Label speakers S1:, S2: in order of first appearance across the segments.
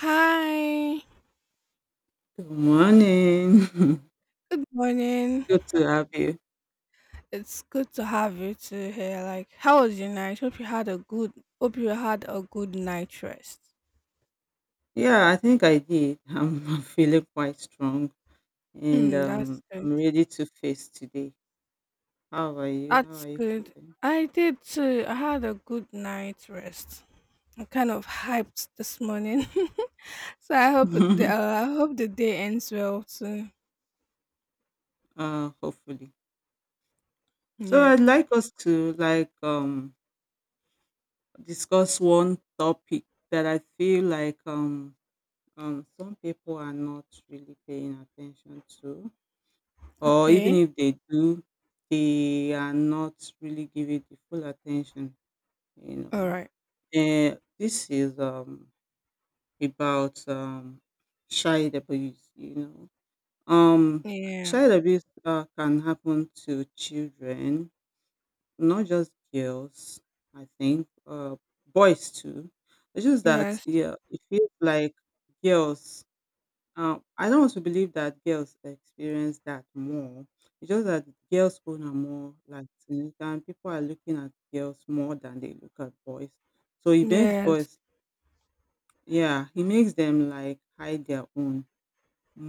S1: Hi.
S2: Good morning.
S1: Good morning.
S2: Good to have you.
S1: It's good to have you too here. Like, how was your night? Hope you had a good night rest.
S2: Yeah, I think I did. I'm feeling quite strong and
S1: Hmm, that's good.
S2: I'm ready to face today. How are you? How
S1: That's
S2: are you
S1: good. I did too. I had a good night rest. I'm kind of hyped this morning, so I hope it- the
S2: feeling?
S1: I hope the day ends well too.
S2: Hopefully. So
S1: Yeah.
S2: I'd like us to like discuss one topic that I feel like some people are not really paying attention to, or even
S1: Okay.
S2: if they do, they are not really giving the full attention, you know.
S1: All right.
S2: This is about child abuse. Know, um,
S1: Yeah.
S2: Child abuse can happen to children, not just girls. I think boys too. It's just that
S1: Yes.
S2: yeah, it feels like girls. I don't want to believe that girls experience that more. It's just that girls own are more like it, and people are looking at girls more than they look at boys. So it begs
S1: Yes.
S2: boys. Yeah, he makes them like hide their own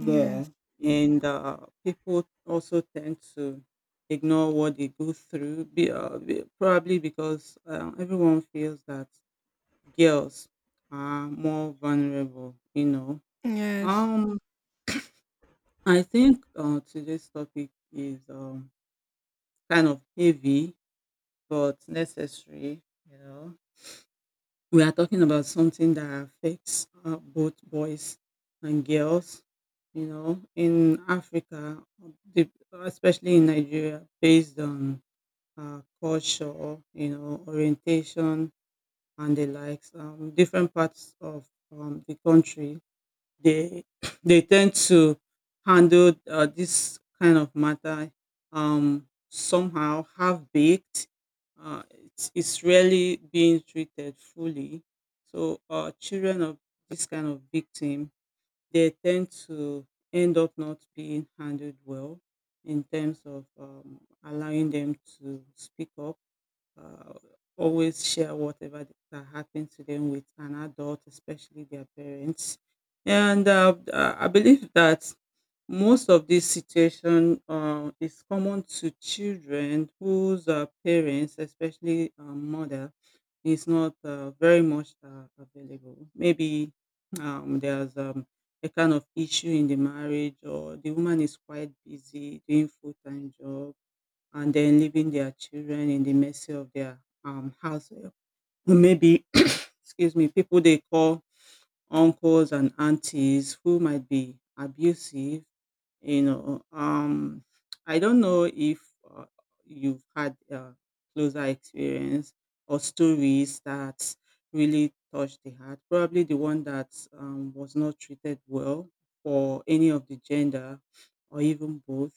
S1: Yes.
S2: and people also tend to ignore what they go through, probably because everyone feels that girls are more vulnerable.
S1: Yes.
S2: Um, I think today's topic is kind of heavy but necessary. You know, We are talking about something that affects both boys and girls. In Africa, the- especially in Nigeria, based on culture, orientation and the likes, different parts of the country. They They tend to handle this kind of matter, somehow half baked. It's rarely being treated fully. So children of this kind of victim, they tend to end up not being handled well in terms of allowing them to speak up, uh, always share whatever that happened to them with an adult, especially their parents. And I believe that most of this situation is common to children whose parents, especially mother, is not very much available. Maybe there's a kind of issue in the marriage, or the woman is quite busy doing full time job and then leaving their children in the mercy of their house help. Or maybe, excuse me, people they call uncles and aunties who might be abusive. You know, um, I don't know if uh, you've had closer experience or stories that really touched the heart. Probably the one that was not treated well for any of the gender or even both.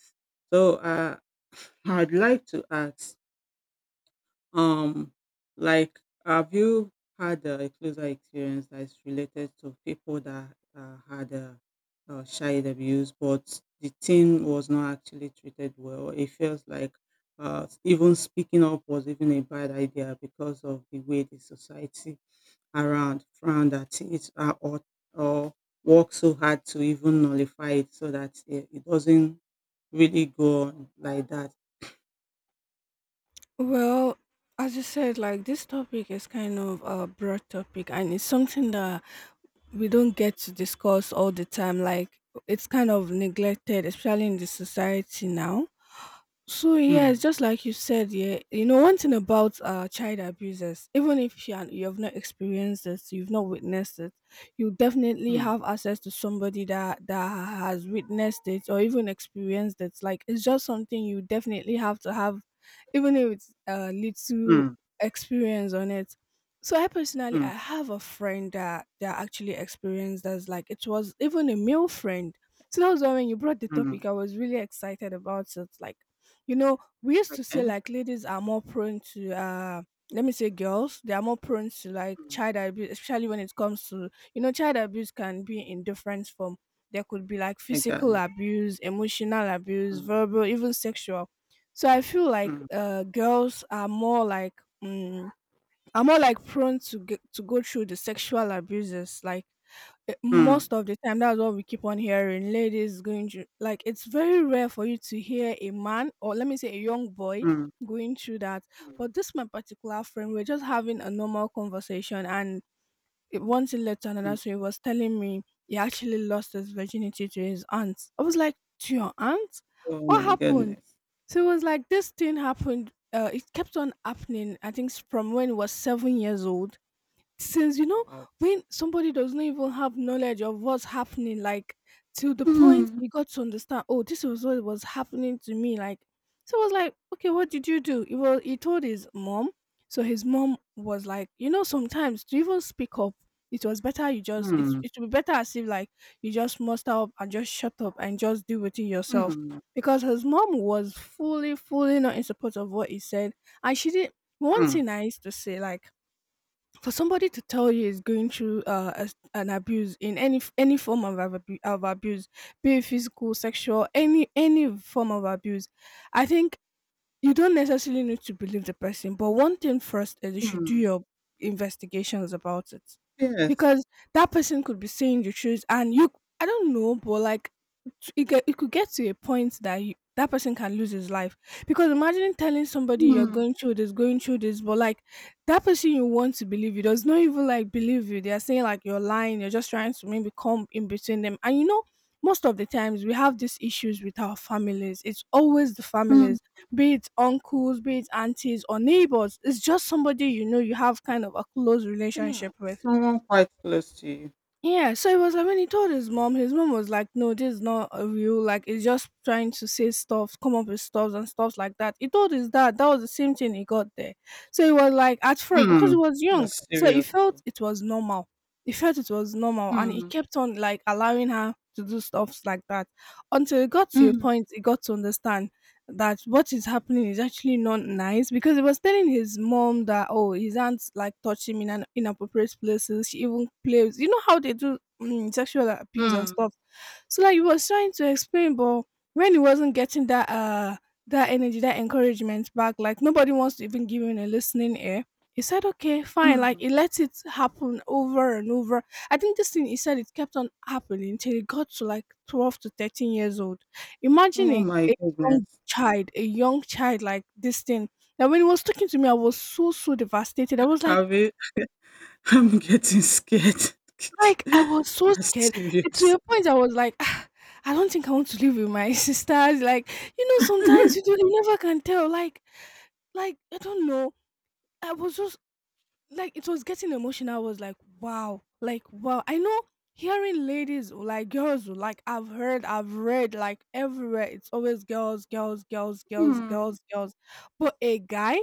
S2: So I'd like to ask, um, like, have you had a closer experience that is related to people that had, child abuse, but the teen was not actually treated well? It feels like even speaking up was even a bad idea because of the way the society around frowned at it, or work so hard to even nullify it so that it doesn't really go on like that.
S1: Well, as you said, like this topic is kind of a broad topic and it's something that we don't get to discuss all the time. Like it's kind of neglected, especially in the society now. So yes,
S2: Hmm,
S1: just like you said, yeah, you know one thing about child abusers, even if you have not experienced it, you've not witnessed it, you definitely
S2: hmm,
S1: have access to somebody that has witnessed it or even experienced it. Like it's just something you definitely have to have, even if it's little
S2: hmm,
S1: experience on it. So I personally,
S2: hmm,
S1: I have a friend that actually experienced this. Like it was even a male friend. So that was why when you brought the
S2: hmm.
S1: topic, I was really excited about it. Like, you know, we used to say
S2: Okay.
S1: like ladies are more prone to let me say girls, they are more prone to like
S2: Mm.
S1: child abuse, especially when it comes to, child abuse can be in different form. There could be like physical
S2: Exactly.
S1: abuse, emotional abuse,
S2: Mm,
S1: verbal, even sexual. So I feel like
S2: mm,
S1: girls are more like, mm, are more like prone to go through the sexual abuses. Like,
S2: mm,
S1: most of the time that's what we keep on hearing ladies going through. Like, it's very rare for you to hear a man, or let me say a young boy,
S2: mm,
S1: going through that.
S2: mm,
S1: But this my particular friend, we're just having a normal conversation and one thing led to another,
S2: mm.
S1: so he was telling me he actually lost his virginity to his aunt. I was like, to your aunt?
S2: Oh
S1: What
S2: my
S1: happened?
S2: goodness.
S1: So it was like this thing happened, it kept on happening. I think from when he was 7 years old. Since,
S2: Wow.
S1: when somebody does not even have knowledge of what's happening, like, to the point
S2: Mm,
S1: you got to understand, oh, this was what was happening to me. Like, so I was like, okay, what did you do? He told his mom. So his mom was like, sometimes to even speak up, it was better you just
S2: mm,
S1: it would be better as if like you just muster up and just shut up and just deal with it yourself.
S2: mm,
S1: Because his mom was fully fully not in support of what he said. And she did one
S2: mm,
S1: thing I used to say like, for somebody to tell you is going through an abuse in any any form of, of abuse, be it physical, sexual, any form of abuse, I think you don't necessarily need to believe the person, but one thing first is you should do
S2: mm.
S1: your investigations about it.
S2: Yes.
S1: Because that person could be saying the truth and you, I don't know, but like it could get to a point that that person can lose his life. Because imagine telling somebody you're
S2: Mm,
S1: going through this, but like that person you want to believe you does not even like believe you. They're saying like you're lying, you're just trying to maybe come in between them. And you know, most of the times we have these issues with our families. It's always the
S2: mm,
S1: families, be it uncles, be it aunties or neighbors, it's just somebody you know you have kind of a close
S2: yeah.
S1: relationship with.
S2: Someone quite close to you.
S1: Yeah, so it was like when he told his mom was like, no, this is not a real, like, it's just trying to say stuff, come up with stuff and stuff like that. He told his dad, that was the same thing he got there. So it was like, at first, because he
S2: Mm.
S1: was young,
S2: That's
S1: so he
S2: serious,
S1: felt
S2: though.
S1: it was normal. He felt it was normal and he
S2: Mm,
S1: kept on, like, allowing her to do stuff like that, until it got to a
S2: mm,
S1: point, he got to understand that what is happening is actually not nice. Because he was telling his mom that, oh, his aunt like touch him in an inappropriate places. She even plays, you know how they do, sexual abuse and
S2: mm,
S1: stuff. So like he was trying to explain, but when he wasn't getting that energy, that encouragement back, like nobody wants to even give him a listening ear. He said okay fine, like
S2: mm.
S1: he let it happen over and over. I think this thing, he said it kept on happening until he got to like 12 to 13 years old. Imagine
S2: Oh
S1: a,
S2: my
S1: a young
S2: goodness.
S1: child, a young child, like this thing. Now, when he was talking to me, I was so so devastated. I was
S2: I will, I'm getting scared.
S1: like I was so
S2: That's
S1: scared. And to
S2: serious.
S1: a point, I was like, "Ah, I don't think I want to live with my sisters. Like, you know, sometimes you do, you never can tell. Like, I don't know. I was just like, it was getting emotional. I was like, wow, like wow. I know hearing ladies, or like girls, or like, I've heard, I've read like everywhere, it's always girls, girls, girls, girls,
S2: Mm,
S1: girls, girls. But a guy,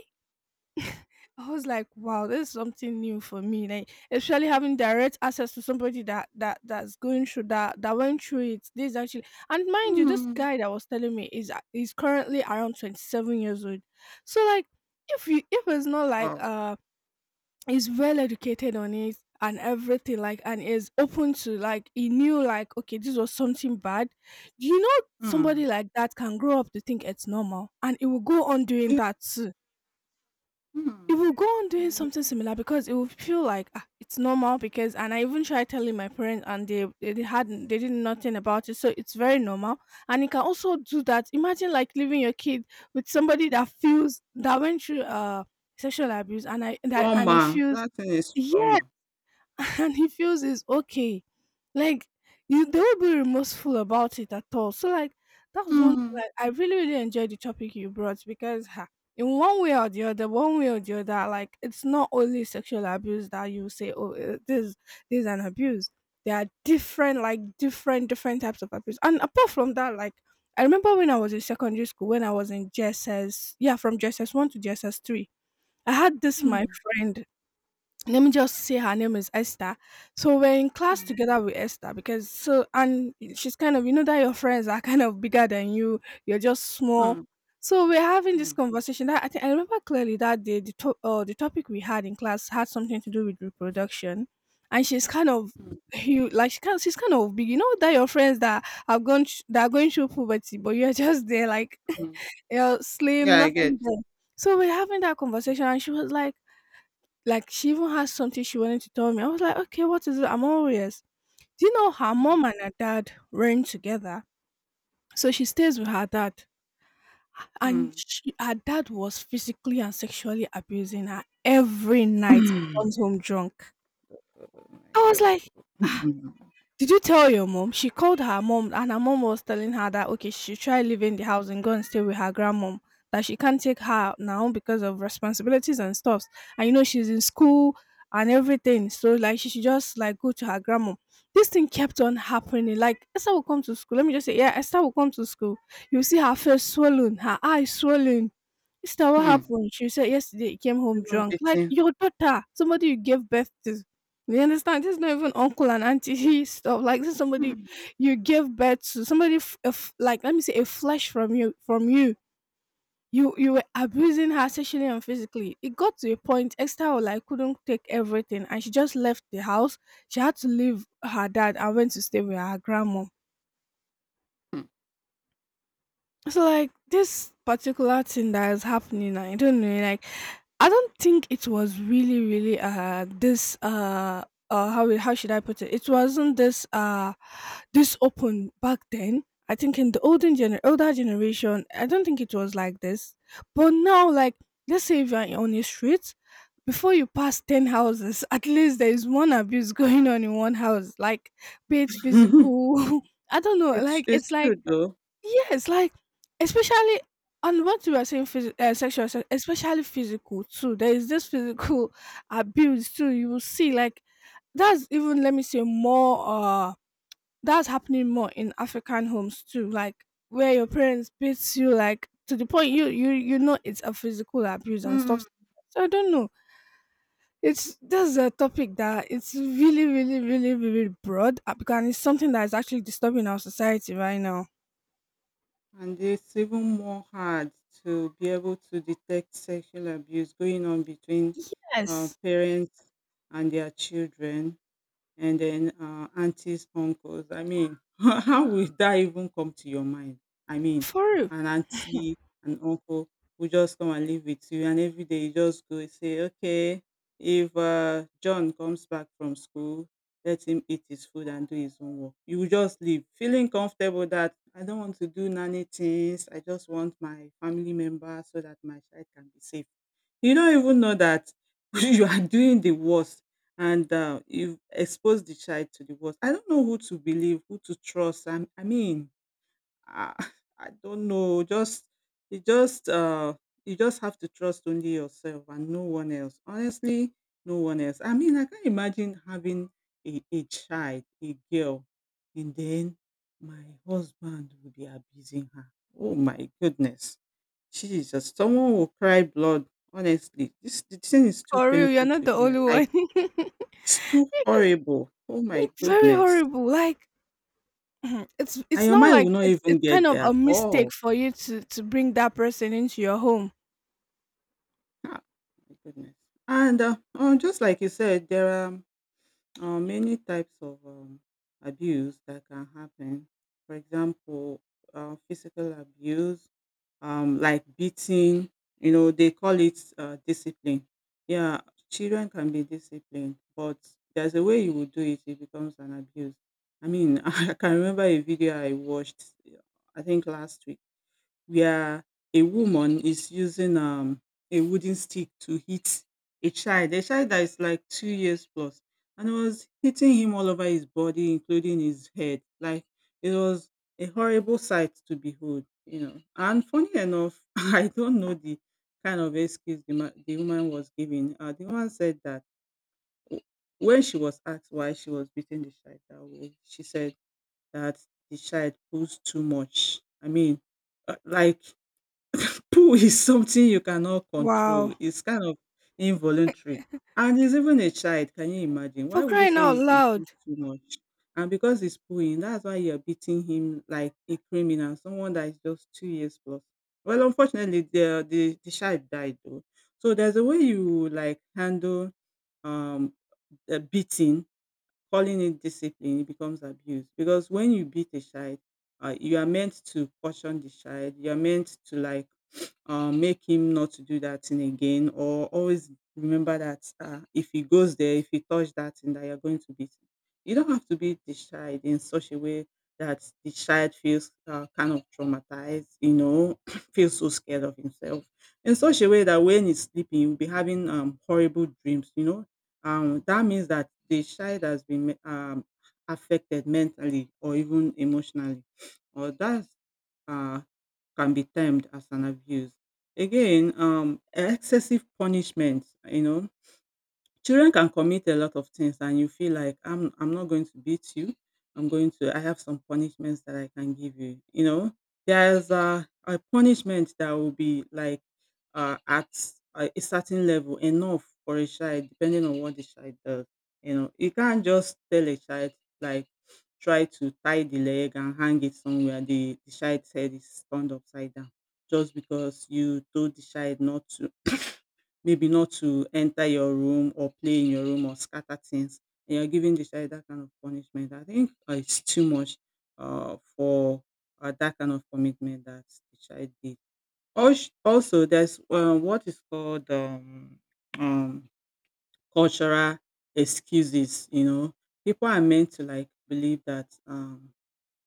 S1: I was like, wow, this is something new for me. Like, especially having direct access to somebody that's going through, that that went through it. This actually, and mind you, this
S2: mm.
S1: guy that was telling me is currently around 27 years old. So like, if it's not like,
S2: Wow.
S1: he's well educated on it and everything, like, and is open to, like he knew, like, okay, this was something bad. You know,
S2: Mm.
S1: somebody like that can grow up to think it's normal, and it will go on doing
S2: Yeah.
S1: that too. It will go on doing
S2: Mm.
S1: something similar because it will feel like, ah, it's normal. Because, and I even tried telling my parents and they did nothing about it, so it's very normal and you can also do that. Imagine like leaving your kid with somebody that feels that went through sexual abuse and I that and he
S2: Trauma,
S1: feels,
S2: that thing is
S1: yes
S2: trauma.
S1: and he feels it's okay. Like, you, they won't be remorseful about it at all. So like, that's one
S2: Mm,
S1: thing. Like, I really, really enjoyed the topic you brought because, ha, in one way or the other, one way or the other, like, it's not only sexual abuse that you say, oh, eh, this is an abuse. There are different, different types of abuse. And apart from that, like, I remember when I was in secondary school, when I was in JSS, yeah, from JSS 1 to JSS 3, I had this my
S2: mm,
S1: friend, let me just say her name is Esther. So we're in class
S2: mm,
S1: together with Esther because, so, and she's kind of, you know that your friends are kind of bigger than you. You're just small.
S2: mm,
S1: So we're having this
S2: mm,
S1: conversation. That I think I remember clearly that day, the the topic we had in class had something to do with reproduction, and she's kind of
S2: mm,
S1: huge, like she's kind of big. You know that your friends that have gone that are going through puberty, but you're just there like,
S2: mm.
S1: you're slim,
S2: Yeah, I
S1: nothing
S2: get.
S1: there. So we're having that conversation, and she was like, she even had something she wanted to tell me. I was like, "Okay, what is it?" I'm all ears. Do you know her
S2: Mm,
S1: mom and her dad rent together? So she stays with her dad, and
S2: mm.
S1: her dad was physically and sexually abusing her every night. Comes home drunk.
S2: Oh my
S1: I was
S2: God.
S1: like,
S2: Mm,
S1: did you tell your mom? She called her mom and her mom was telling her that, okay, she should try leaving the house and go and stay with her grandmom. That she can't take her now because of responsibilities and stuffs. And you know she's in school and everything. So like, she should just like go to her grandmom. This thing kept on happening. Like, Esther will come to school. Let me just say, yeah, Esther will come to school. You see her face swollen, her eyes swollen. Esther, what
S2: mm.
S1: happened? She said yesterday he came home
S2: Even
S1: drunk. Like,
S2: beating her.
S1: your daughter, somebody you gave birth to, you understand? This is not even uncle and auntie stuff. Like, this is somebody
S2: Mm,
S1: you give birth to. Somebody like let me say a flesh from you from you. You were abusing her sexually and physically. It got to a point Esther was like couldn't take everything and she just left the house. She had to leave her dad and went to stay with her grandma.
S2: mm.
S1: So like this particular thing that is happening, I don't know, like I don't think it was really, really this how should I put it? It wasn't this open back then. I think in the olden gener older generation, I don't think it was like this. But now like let's say if you're on the street, before you pass ten houses, at least there is one abuse going on in one house. Like be it physical, I don't know,
S2: It's
S1: like it's
S2: it's true
S1: like
S2: though.
S1: yes, like especially on what you were saying, sexual assault, especially physical too. There is this physical abuse too. You will see, like that's even, let me say, more. That's happening more in African homes too. Like where your parents beats you, like to the point you know it's a physical abuse and
S2: Mm.
S1: stuff. So I don't know. It's That's a topic that it's really, really, really, really broad, because it's something that is actually disturbing our society right now.
S2: And it's even more hard to be able to detect sexual abuse going on between
S1: Yes,
S2: parents and their children and then aunties, uncles. I mean, how will that even come to your mind? I mean,
S1: for real.
S2: an auntie, an uncle will just come and live with you, and every day you just go and say, okay, if John comes back from school, let him eat his food and do his own work. You will just leave feeling comfortable that I don't want to do nanny things. I just want my family member so that my child can be safe. You don't even know that you are doing the worst and you expose the child to the worst. I don't know who to believe, who to trust. I mean, I, I don't know. Just you just you just have to trust only yourself and no one else. Honestly, no one else. I mean, I can't imagine having a child, a girl, and then my husband will be abusing her. Oh my goodness, Jesus! Someone will cry blood. Honestly, this the thing is too
S1: For real, you're
S2: painful
S1: not
S2: to
S1: the
S2: hear.
S1: only
S2: Like
S1: one.
S2: it's too horrible. Oh my
S1: It's very
S2: goodness.
S1: horrible. Like it's
S2: And
S1: it's
S2: your
S1: not
S2: mind
S1: like
S2: will not
S1: it's
S2: even
S1: it's
S2: get
S1: kind of
S2: there
S1: a
S2: at
S1: mistake
S2: all.
S1: for you to bring that person into your home.
S2: Ah, my goodness. And just like you said, there are many types of abuse that can happen. For example, physical abuse, like beating. They call it discipline. Yeah, children can be disciplined, but there's a way you will do it. It becomes an abuse. I mean, I can remember a video I watched. I think last week where a woman is using a wooden stick to hit a child that is like 2 years plus, and it was hitting him all over his body, including his head. Like it was a horrible sight to behold. And funny enough, I don't know the kind of excuse the woman was giving. The woman said that w- when she was asked why she was beating the child that way, she said that the child pulls too much. I mean, like Poo is something you cannot control.
S1: Wow.
S2: It's kind of involuntary. And it's even a child, can you imagine? Why
S1: For
S2: would you
S1: crying out
S2: say he
S1: loud.
S2: pooed too much? And because he's pooing, that's why you're beating him like a criminal, someone that is just 2 years plus. Well, unfortunately, the child died though. So there's a way you like handle um the beating. Calling it discipline, it becomes abuse because when you beat a child, you are meant to caution the child. You are meant to like make him not to do that thing again, or always remember that if he goes there, if he touch that thing, that you're going to beat him. You don't have to beat the child in such a way that the child feels kind of traumatized, feels so scared of himself in such a way that when he's sleeping, you'll be having horrible dreams, that means that the child has been affected mentally or even emotionally, or that uh, can be termed as an abuse. Again, excessive punishment, Children can commit a lot of things and you feel like I'm not going to beat you. I'm going to I have some punishments that I can give you. There's a punishment that will be like at a certain level enough for a child, depending on what the child does. You can't just tell a child like try to tie the leg and hang it somewhere. The child's head is turned upside down just because you told the child not to, maybe not to enter your room or play in your room or scatter things, and you're giving the child that kind of punishment, I think it's too much for that kind of commitment that the child did. Also, there's what is called um, cultural excuses. People are meant to like believe that um,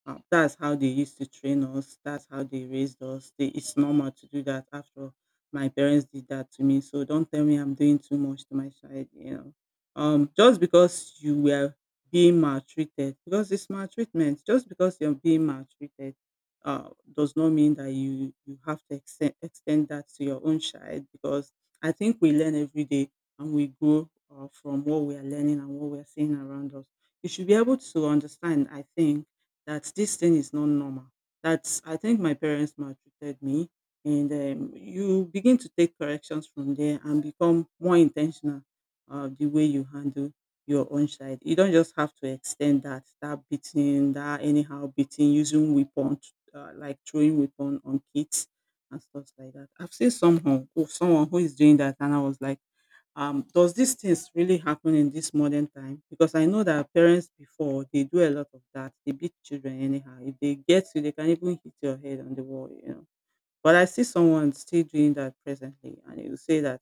S2: uh, that's how they used to train us. That's how they raised us. It's normal to do that. After all, my parents did that to me, so don't tell me I'm doing too much to my child. Just because you were being maltreated, because it's maltreatment. Just because you're being maltreated, uh, does not mean that you have to extend that to your own child. Because I think we learn every day and we grow from what we are learning and what we are seeing around us. You should be able to understand. I think that this thing is not normal. That's I think my parents maltreated me, and you begin to take corrections from there and become more intentional of the way you handle your own child. You don't just have to extend that beating, that anyhow beating, using weapon like throwing weapon on kids and stuff like that. I've seen someone who is doing that, and I was like does these things really happen in this modern time? Because I know that parents before they do a lot of that. They beat children anyhow. If they get you, they can even hit your head on the wall, you know. But I see someone still doing that presently, and he will say that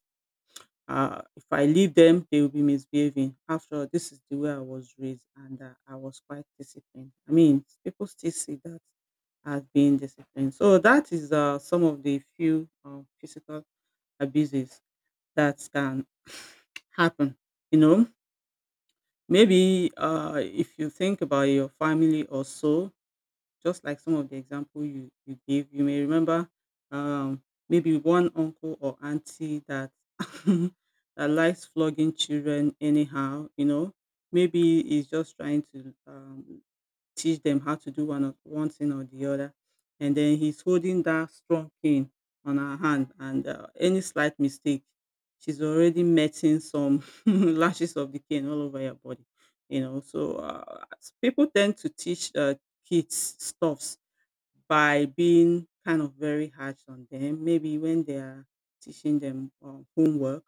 S2: if I leave them, they will be misbehaving. After all, this is the way I was raised, and I was quite disciplined. I mean, people still see that as being disciplined. So that is some of the few physical abuses that can happen. You know, maybe if you think about your family or so, just like some of the example you gave, you may remember um, maybe one uncle or auntie that that likes flogging children anyhow. You know, maybe he's just trying to teach them how to do one or one thing or the other. And then he's holding that strong cane on her hand, and any slight mistake, she's already metting some lashes of the cane all over her body. You know, so people tend to teach kids stuffs by being kind of very harsh on them, maybe when they are teaching them homework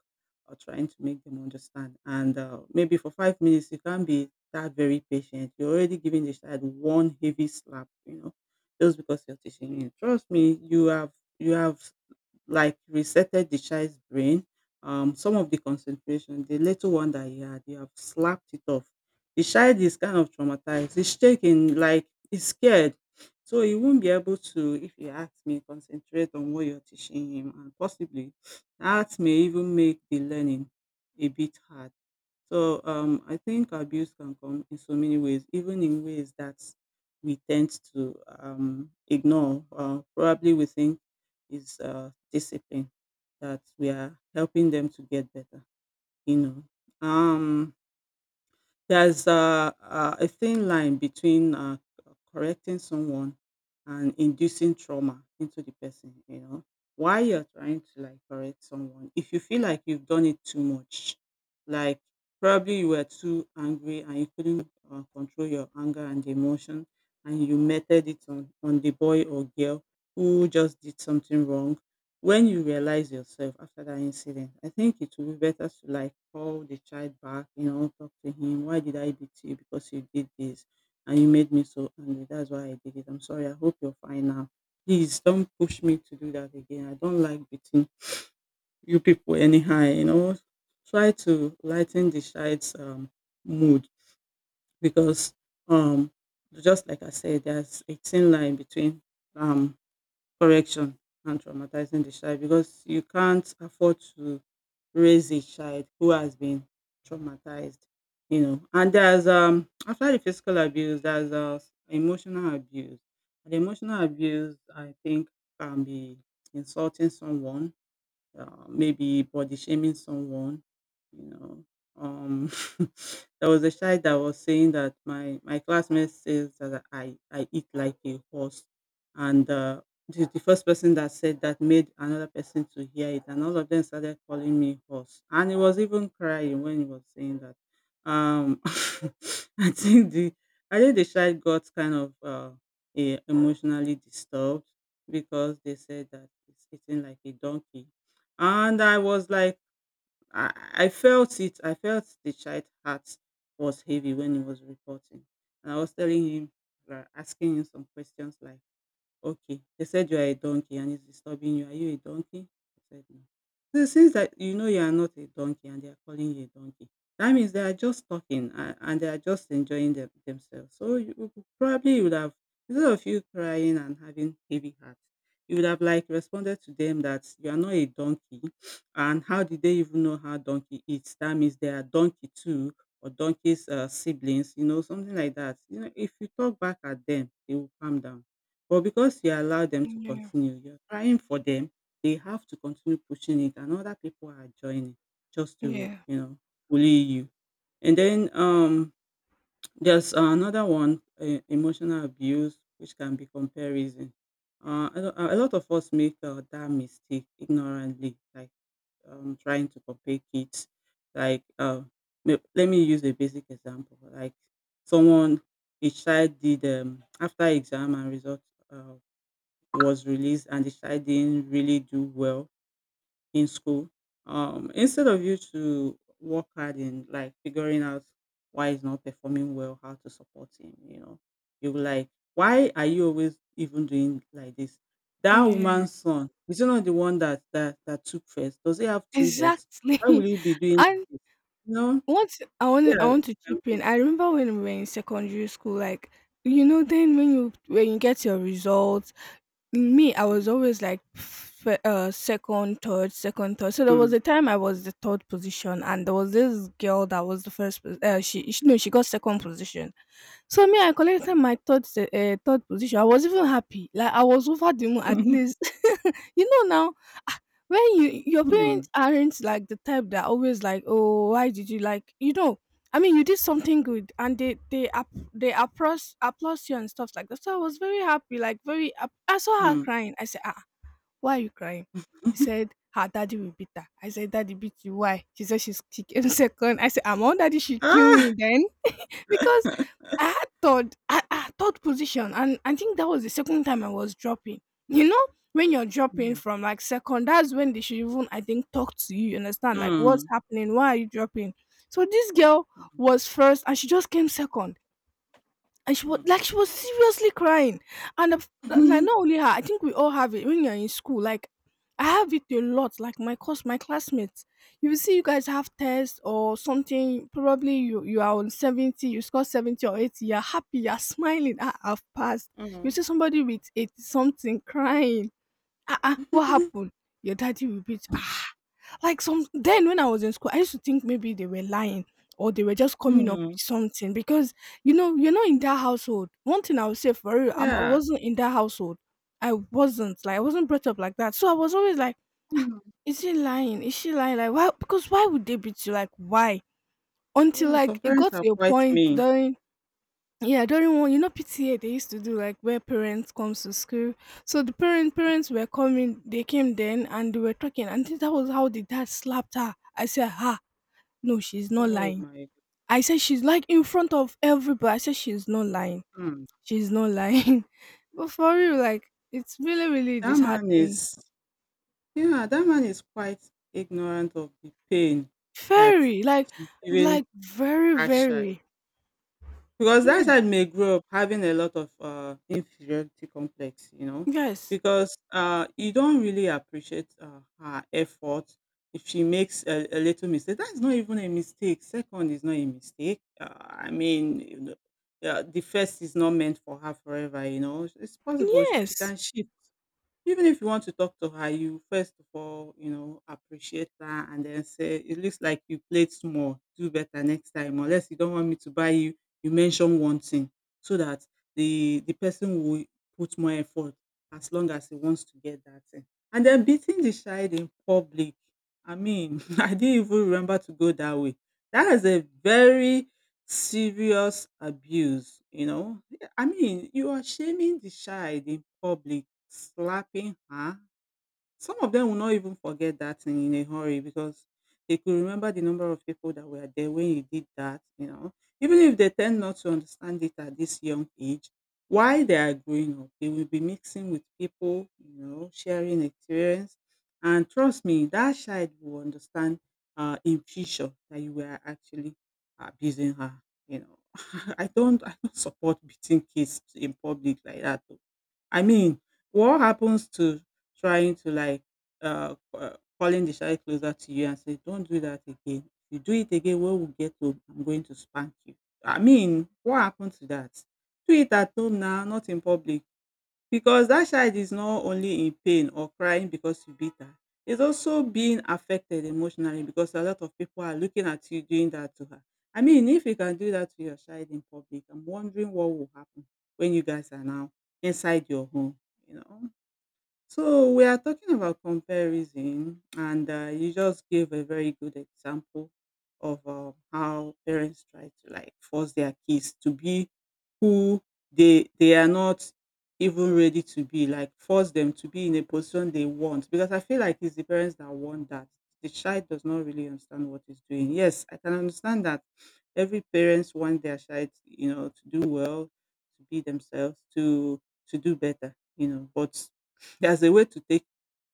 S2: or trying to make them understand. And maybe for 5 minutes, you can't be that very patient. You're already giving the child one heavy slap, you know, just because you're teaching him. Trust me, you have like resetted the child's brain. Some of the concentration, the little one that he had, they have slapped it off. The child is kind of traumatized. He's shaking, like he's scared. So he won't be able to, if you ask me, concentrate on what you're teaching him. And possibly that may even make the learning a bit hard. So I think abuse can come in so many ways, even in ways that we tend to ignore. Probably we think is discipline that we are helping them to get better. You know, um, there's a thin line between correcting someone and inducing trauma into the person, you know. While you're trying to like correct someone, if you feel like you've done it too much, like probably you were too angry and you couldn't control your anger and emotion, and you meted it on the boy or girl who just did something wrong when you realize yourself after that incident, I think it will be better to like call the child back, you know, talk to him. Why did I beat you? Because you did this and you made me so angry. That's why I did it. I'm sorry. I hope you're fine now. Please don't push me to do that again. I don't like beating you people anyhow, you know. Try to lighten the child's mood because um just like I said, there's a thin line between um correction and traumatizing the child because you can't afford to raise a child who has been traumatized, you know. And there's after the physical abuse, there's emotional abuse. And emotional abuse, I think, can be insulting someone maybe body shaming someone, you know. Um, there was a child that was saying that my classmate says that I eat like a horse, and the first person that said that made another person to hear it, and all of them started calling me horse, and he was even crying when he was saying that. Um, I think the I think the child got kind of emotionally disturbed because they said that it's eating like a donkey and I was like, I felt it. I felt the child heart was heavy when he was reporting, and I was telling him, like, asking him some questions like, okay. They said you are a donkey and it's disturbing you. Are you a donkey? I said no. So since that you know you are not a donkey and they are calling you a donkey, that means they are just talking and they are just enjoying themselves. So you probably you would have instead of you crying and having heavy heart, you would have like responded to them that you are not a donkey, and how did they even know how donkey eats? That means they are donkey too or donkey's siblings, you know, something like that. You know, if you talk back at them, they will calm down but because you allow them to
S1: Yeah.
S2: continue, you're trying for them, they have to continue pushing it and other people are joining just to,
S1: Yeah.
S2: you know, bully you. And then there's another one, emotional abuse, which can be comparison. A lot of us make that mistake ignorantly, like trying to compare kids. Like, let me use a basic example. Like, someone, a child did after exam and results. Uh, was released and the child didn't really do well in school, instead of you to work hard in like figuring out why he's not performing well, how to support him, you know, you will like, why are you always even doing like this? That
S1: Yeah.
S2: woman's son is he not the one that that took first? Does he have two heads?
S1: Exactly.
S2: Why will he be doing
S1: And
S2: this? You know,
S1: once I want I
S2: yeah, it
S1: want to
S2: can
S1: chip
S2: go.
S1: in. I remember when we were in secondary school, like then when you get your results, me, I was
S2: Mm,
S1: always like second, third, second, third. So there was
S2: mm,
S1: a time I was the third position, and there was this girl that was the first. She no, she got second position. So me, I collected
S2: mm.
S1: my third, third position. I was even happy. Like I was over the moon. At least, you know now, when your
S2: Mm,
S1: parents aren't like the type that always like, "Oh, why did you," like, I mean, you did something good and they up, they applaud you and stuff like that. So I was very happy, like very, I saw her
S2: mm.
S1: crying. I said, "Ah, why are you crying?" She said her daddy will beat her. I said, "Daddy beat you? Why?" She said she came second. I said, "I'm on, daddy should kill
S2: Ah.
S1: me then." Because I had third, I had third position, and I think that was the second time I was dropping. You know, when you're dropping
S2: Mm,
S1: from like second, that's when they should even, I think, talk to you. You understand? Like what's
S2: mm,
S1: happening? Why are you dropping? So this girl
S2: mm,
S1: was first, and she just came second, and
S2: mm.
S1: she was seriously crying. And like,
S2: Mhm.
S1: not only her, I think we all have it when you're in school. Like I have it a lot. Like my course, my classmates, you will see you guys have tests or something. Probably you are on 70, you score 70 or 80, you're happy, you're smiling, "I have passed." You
S2: Mm.
S1: see somebody with 80 something crying, "Ah-ah, what happened?" Your daddy repeats, "Ah." Like some then when I was in school, I used to think maybe they were lying or they were just coming up
S2: Mm.
S1: with something because you know you're not in that household. One thing I would say, for real, I
S2: Yeah.
S1: wasn't in that household. I wasn't brought up like that, so I was always like,
S2: Mm.
S1: "Is he lying? Is she lying? Like why? Because why would they beat you? Like why?" Until
S2: Yeah, some
S1: like it
S2: parents
S1: got
S2: are
S1: to a
S2: quite
S1: point
S2: mean.
S1: during, yeah, during one, PTA they used to do, like where parents comes to school. So the parents were coming, they came then and they were talking, and that was how the dad slapped her. I said, "Ha, no, she's not
S2: Oh
S1: lying."
S2: my,
S1: I said, "She's like in front of everybody." I said, "She's not lying.
S2: mm.
S1: She's not lying." But for real, like it's really, really
S2: That man
S1: disheartening.
S2: is, yeah, that man is quite ignorant of the pain that
S1: Very,
S2: she's giving
S1: like very,
S2: that
S1: very.
S2: because
S1: Yeah.
S2: that side may grow up having a lot of inferiority complex, you know,
S1: Yes.
S2: because you don't really appreciate her effort. If she makes a little mistake, that's not even a mistake. Second is not a mistake. I mean, you know, the first is not meant for her forever, you know. It's possible she
S1: Yes.
S2: can shift. Even if you want to talk to her, you first of all, you know, appreciate her and then say, it looks like you played small, do better next time. Unless you don't want me to buy you, you mention one thing so that the person will put more effort as long as he wants to get that thing. And then beating the child in public. I mean, I didn't even remember to go that way. That is a very serious abuse, you know. I mean, you are shaming the child in public. Slapping her? Some of them will not even forget that thing in a hurry because they could remember the number of people that were there when you did that, you know. Even if they tend not to understand it at this young age, while they are growing up, they will be mixing with people, you know, sharing experience. And trust me, that child will understand in future that you were actually abusing her, you know. I don't support beating kids in public like that. I mean, what happens to trying to like calling the child closer to you and say, "Don't do that again. If you do it again, when we get home, I'm going to spank you." I mean, what happened to that? Do it at home now, not in public. Because that child is not only in pain or crying because you beat her, is also being affected emotionally because a lot of people are looking at you doing that to her. I mean, if you can do that to your child in public, I'm wondering what will happen when you guys are now inside your home, you know. So we are talking about comparison, and you just gave a very good example of how parents try to like force their kids to be who they are not even ready to be, like force them to be in a position they want because I feel like it's the parents that want that. The child does not really understand what he's doing. Yes, I can understand that every parents want their child, you know, to do well, to be themselves, to do better, you know, but there's a way to take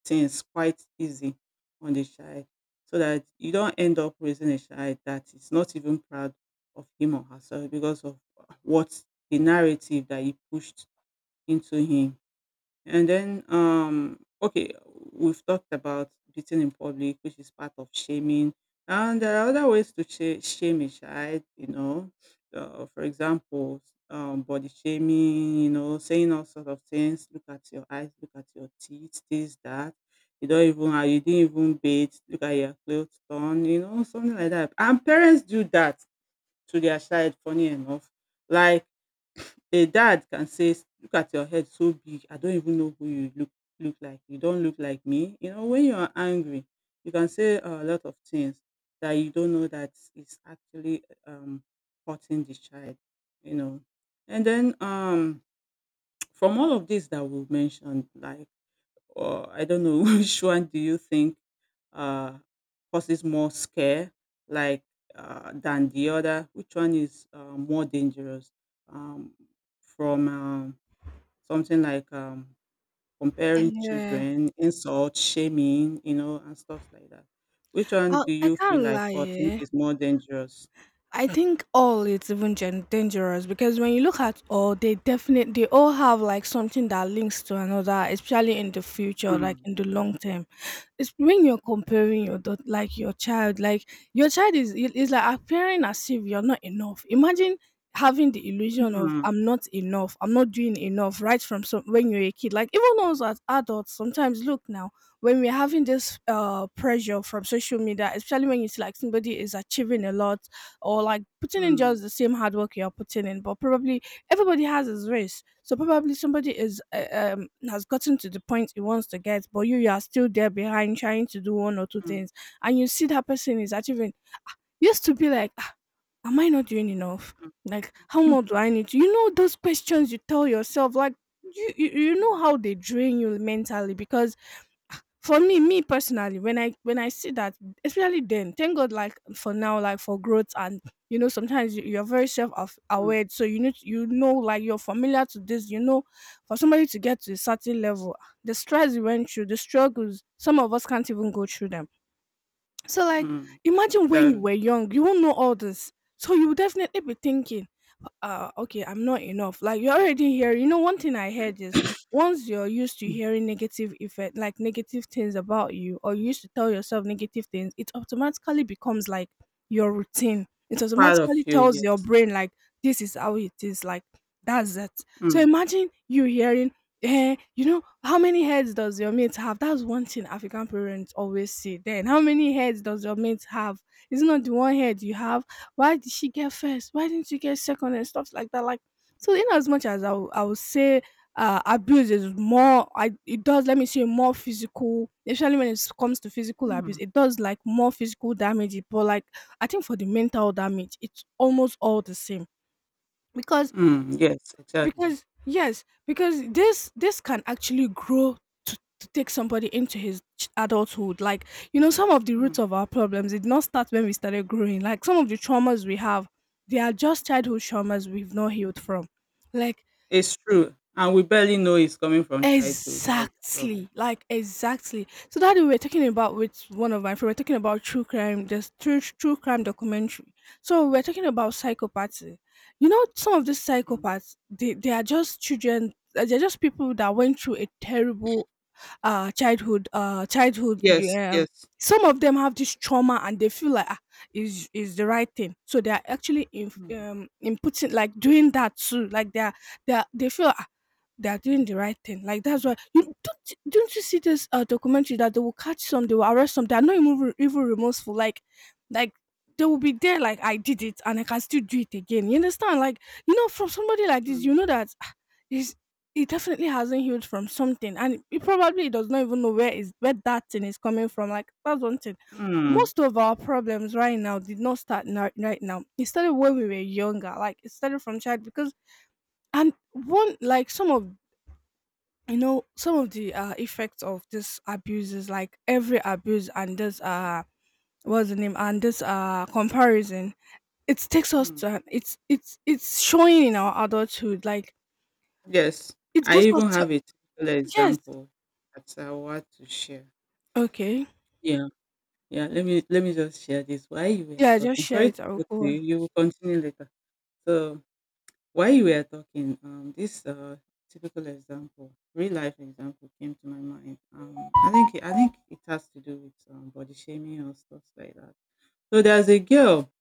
S2: things quite easy on the child so that you don't end up raising a child that is not even proud of him or herself because of what, the narrative that you pushed into him. And then, okay, we've talked about beating in public, which is part of shaming. And there are other ways to shame a child, you know. For example, body shaming, you know, saying all sorts of things. Look at your eyes, look at your teeth, this, that. You don't even, you didn't even bathe. Look at your clothes torn, you know, something like that. And parents do that to their child, funny enough. Like, a dad can say, Look at your head so big, I don't even know who you look like. You don't look like me." You know, when you are angry, you can say a lot of things that you don't know that is actually hurting the child, you know. And then from all of this that we mentioned, like or I don't know which one do you think uh, causes more scare, like than the other? Which one is more dangerous? Um, from something like
S1: Mm,
S2: comparing
S1: yeah.
S2: children, insult, shaming, you know, and stuff like that. Which one
S1: I
S2: do
S1: I
S2: you feel
S1: can't
S2: like
S1: lie.
S2: or think
S1: Eh?
S2: is more dangerous?
S1: I think all, it's even, dangerous, because when you look at all, they all have like something that links to another, especially in the future, like
S2: Mm.
S1: in the long term. It's when you're comparing your like your child is like appearing as if you're not enough. Imagine having the illusion of,
S2: Mm,
S1: "I'm not enough, I'm not doing enough," right from some when you're a kid. Like even us as adults, sometimes, look now, when we're having this pressure from social media, especially when you see like somebody is achieving a lot, or like putting in just
S2: mm,
S1: the same hard work you're putting in, but probably everybody has his race, so probably somebody is has gotten to the point he wants to get, but you are still there behind trying to do one or two
S2: mm,
S1: things, and you see that person is achieving. You used to be like, "Ah, am I not doing enough?
S2: mm,
S1: Like how more do I need to," you know, those questions you tell yourself, like you you know how
S2: mm,
S1: they drain you mentally. Because for me personally, when I see that, especially then, thank God, like for now, like for growth, and you know sometimes you're very
S2: mm,
S1: aware, so you need, you know, like you're familiar to this, you know, for somebody to get to a certain level, the stress you went through, the struggles, some of us can't even go through them, so like
S2: mm.
S1: imagine when you
S2: Exactly.
S1: were young, you won't know all this. So you will definitely be thinking, okay, I'm not enough. Like you're already here. You know, one thing I heard is, once you're used to hearing negative effect, like negative things about you, or you used to tell yourself negative things, it automatically becomes like your routine. It
S2: Part of
S1: automatically
S2: you,
S1: tells your
S2: yes.
S1: brain like this is how it is, like that's it. So imagine you hearing, "Eh, you know, how many heads does your mate have?" That's one thing African parents always say. "Then, how many heads does your mate have? It's not the one head you have. Why did she get first? Why didn't you get second?" And stuff like that. Like, so in as much as I would say, abuse is more, I it does, let me say, more physical, especially when it comes to physical abuse,
S2: Mm.
S1: it does like more physical damage. But, like, I think for the mental damage, it's almost all the same. Because,
S2: Mm, yes, exactly.
S1: yes, because this can actually grow to take somebody into his adulthood. Like you know, some of the
S2: Mm,
S1: roots of our problems, it did not start when we started growing. Like some of the traumas we have, they are just childhood traumas we've not healed from. Like
S2: it's true, and we barely know it's coming from childhood. That's the problem.
S1: exactly, like exactly. So that we were talking about with one of my friends, we are talking about true crime, this true crime documentary. So we are talking about psychopaths. You know, some of these
S2: Mm.
S1: psychopaths, they are just children. They're just people that went through a terrible childhood. Childhood.
S2: Yes,
S1: Um,
S2: yes.
S1: some of them have this trauma and they feel like, "Ah, is the right thing." So they are actually
S2: Mm,
S1: inputting, like doing that too. Like they feel, "Ah, they are doing the right thing." Like that's why you don't you see this documentary that they will catch some, they will arrest some. They are not even remorseful. Like, like they will be there. Like, "I did it and I can still do it again." You understand? Like you know, from somebody like this,
S2: mm,
S1: you know that, "Ah, is he definitely hasn't healed from something," and he probably does not even know where that thing is coming from. Like that's one thing.
S2: mm,
S1: Most of our problems right now did not start now, right now. It started when we were younger. Like it started from child because and one like some of some of the effects of this abuse is like every abuse and this what's the name and this comparison it takes us
S2: mm.
S1: to it's showing in our adulthood like
S2: Yes,
S1: it
S2: I
S1: gives us
S2: even
S1: t-
S2: have a typical
S1: yes.
S2: example that I want to share.
S1: Okay,
S2: Yeah, yeah. Let me just share this. While you were
S1: yeah, just
S2: talking,
S1: share
S2: sorry
S1: it,
S2: to
S1: I'll
S2: go to
S1: go
S2: you.
S1: on.
S2: You will continue later. So while you were talking, this typical example, real life example, came to my mind. I think it has to do with body shaming or stuff like that. So there's a girl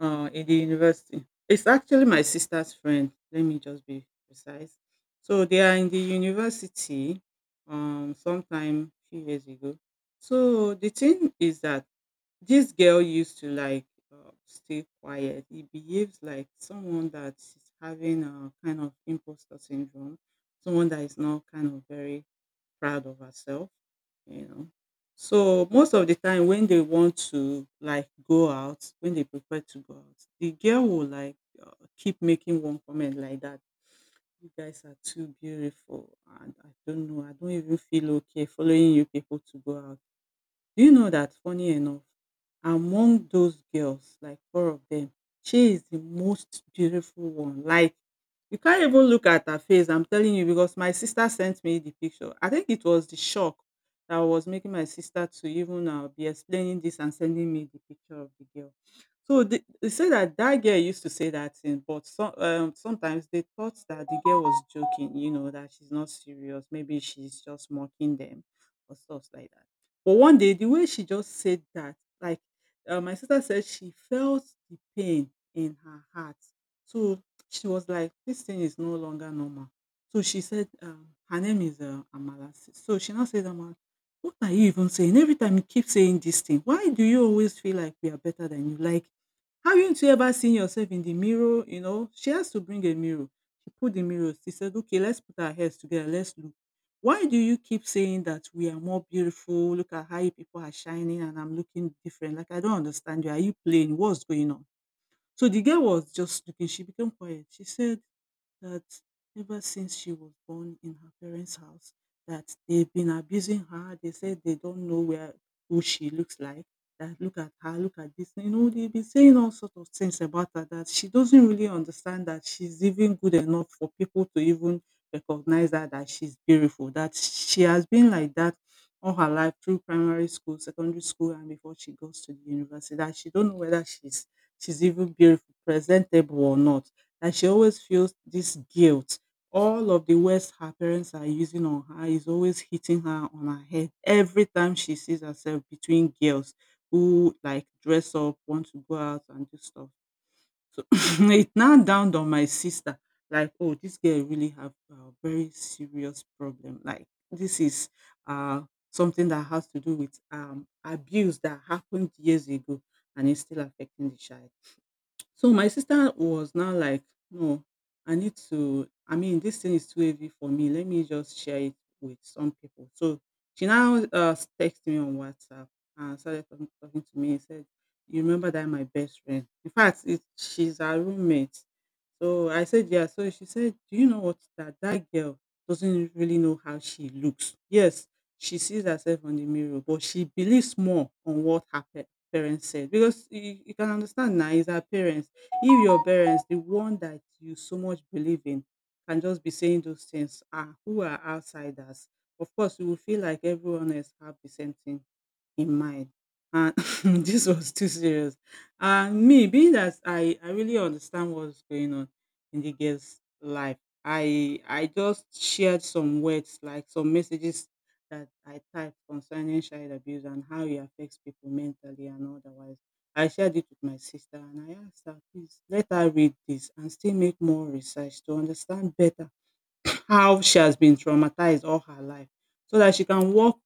S2: in the university. It's actually my sister's friend. Let me just be precise. So they are in the university sometime few years ago. So the thing is that this girl used to like stay quiet. He behaves like someone that is having a kind of imposter syndrome, someone that is not kind of very proud of herself, you know. So most of the time when they want to like go out, when they prefer to go out, the girl will like uh, keep making one comment like that. You guys are too beautiful, and I don't know. I don't even feel okay following you people to go out. Do you know that, funny enough, among those girls, like four of them, she is the most beautiful one. Like you can't even look at her face. I'm telling you because my sister sent me the picture. I think it was the shock that was making my sister to even be explaining this and sending me the picture of the girl. So they say that that girl used to say that thing, but some, sometimes they thought that the girl was joking. You know that she's not serious. Maybe she's just mocking them or stuff like that. But one day, the way she just said that, like, my sister said she felt the pain in her heart. So she was like, this thing is no longer normal. So she said, her name is Amala. So she now said, Amala, what are you even saying? Every time you keep saying this thing, why do you always feel like we are better than you? Like, haven't you ever seen yourself in the mirror? You know, she has to bring a mirror. She put the mirror. She said, okay, let's put our heads together. Let's look. Why do you keep saying that we are more beautiful? Look at how you people are shining and I'm looking different. Like, I don't understand you. Are you playing? What's going on? So the girl was just looking. She became quiet. She said that ever since she was born in her parents' house, that they've been abusing her. They said they don't know where who she looks like, that look at her, look at this. You know, they've been saying all sorts of things about her, that she doesn't really understand that she's even good enough for people to even recognize her that she's beautiful. That she has been like that all her life through primary school, secondary school, and before she goes to the university. That she don't know whether she's even beautiful, presentable or not, that she always feels this guilt. All of the words her parents are using on her is always hitting her on her head every time she sees herself between girls who like dress up, want to go out and do stuff. So it now dawned on my sister, like, oh, this girl really have a very serious problem. Like this is uh something that has to do with abuse that happened years ago and is still affecting the child. So my sister was now like, no, I need to, I mean, this thing is too heavy for me. Let me just share it with some people. So she now texted me on WhatsApp and started talking, talking to me and said, you remember that my best friend? In fact, it, she's our roommate. So I said, yeah. So she said, do you know what? That that girl doesn't really know how she looks. Yes, she sees herself on the mirror, but she believes more on what happened parents said, because you can understand now is our parents. If your parents the one that you so much believe in can just be saying those things, ah, who are outsiders, of course you will feel like everyone else have the same thing in mind. And this was too serious. And me, being that I really understand what's going on in the girl's life, I just shared some words, like some messages that I typed concerning child abuse and how it affects people mentally and otherwise. I shared it with my sister and I asked her, please let her read this and still make more research to understand better how she has been traumatized all her life so that she can work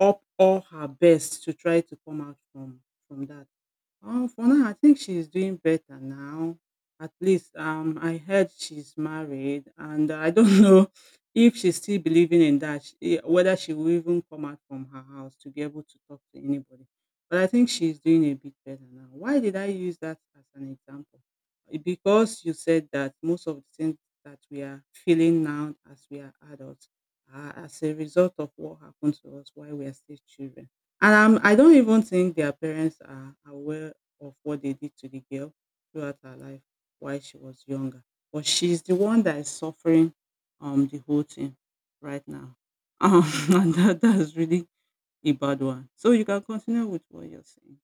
S2: up all her best to try to come out from that. For now, I think she's doing better now. At least, I heard she's married, and I don't know if she's still believing in that. She, whether she will even come out from her house to be able to talk to anybody. But I think she's doing a bit better now. Why did I use that as an example? Eh, because you said that most of the things that we are feeling now as we are adults are as a result of what happened to us while we are still children, and I don't even think their parents are aware of what they did to the girl throughout her life while she was younger. But she's the one that is suffering the whole thing right now. Um, and that's really a bad one. So you can continue with what you're saying.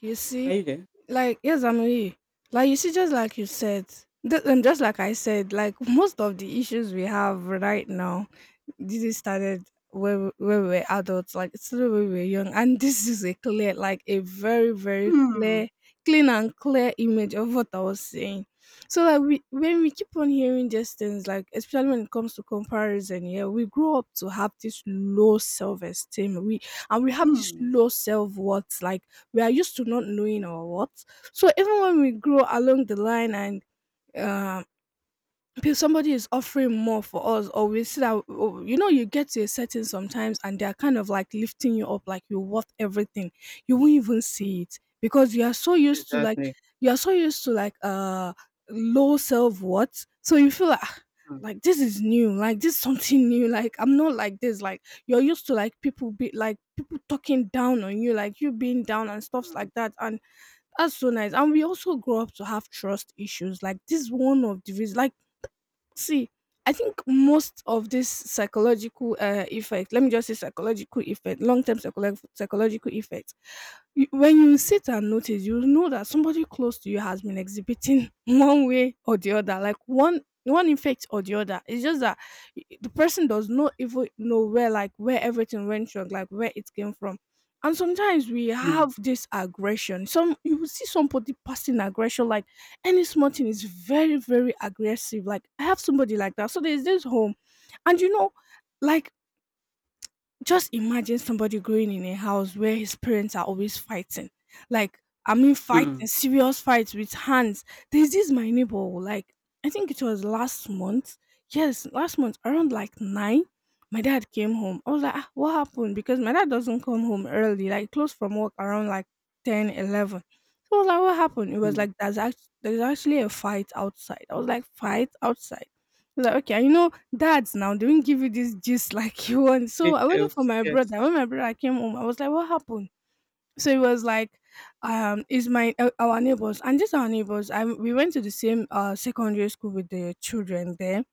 S1: You
S2: Are
S1: see,
S2: you there?
S1: like yes I'm here. Like you see, just like you said, th- and just like I said, like most of the issues we have right now this is started when we were adults, like it's still when we were young, and this is a clear, like a very
S2: Mm,
S1: clear, clean and clear image of what I was saying. So like we, when we keep on hearing these things, like especially when it comes to comparison, yeah, we grow up to have this low self-esteem, we and we have this
S2: mm.
S1: low self-worth, like we are used to not knowing our worth. So even when we grow along the line and um pe- somebody is offering more for us, or we see that, oh, you get to a setting sometimes and they're kind of like lifting you up, like you're worth everything, you won't even see it because you are so used to like
S2: Exactly.
S1: you are so used to like uh low self-worth, so you feel like, "Ah,
S2: Mm,
S1: like this is new, like this is something new, like I'm not like this," like you're used to like people be like people talking down on you, like you being down and stuffs
S2: mm,
S1: like that. And that's so nice. And we also grow up to have trust issues. Like this is one of the reasons, like see, I think most of this psychological effect, let me just say psychological effect, long term psychological effect, you, when you
S2: mm,
S1: sit and notice, you know that somebody close to you has been exhibiting one way or the other, like one effect or the other. It's just that y- the person does not even know where, like where everything went wrong, like where it came from. And sometimes we
S2: mm,
S1: have this aggression. Some, you will see somebody passing aggression like any small thing is very aggressive. Like I have somebody like that. So there's this home, and like just imagine somebody growing in a house where his parents are always fighting. Like, I mean,
S2: mm,
S1: fighting, serious fights with hands. There's this my neighbor, like, I think it was last month. Yes, last month, around like 9, my dad came home. I was like, "Ah, what happened?" Because my dad doesn't come home early, like, close from work around like 10, 11. So I was like, what happened? It was
S2: mm.
S1: like, there's, act- there's actually a fight outside. I was like, fight outside? I was like, okay. And dads now they won't give you this gist like you want. So I waited for
S2: Details,
S1: my
S2: yes.
S1: brother. When my brother came home, I was like, "What happened?" So it was like, it's my our neighbors, and just our neighbors. I we went to the same secondary school with the children there.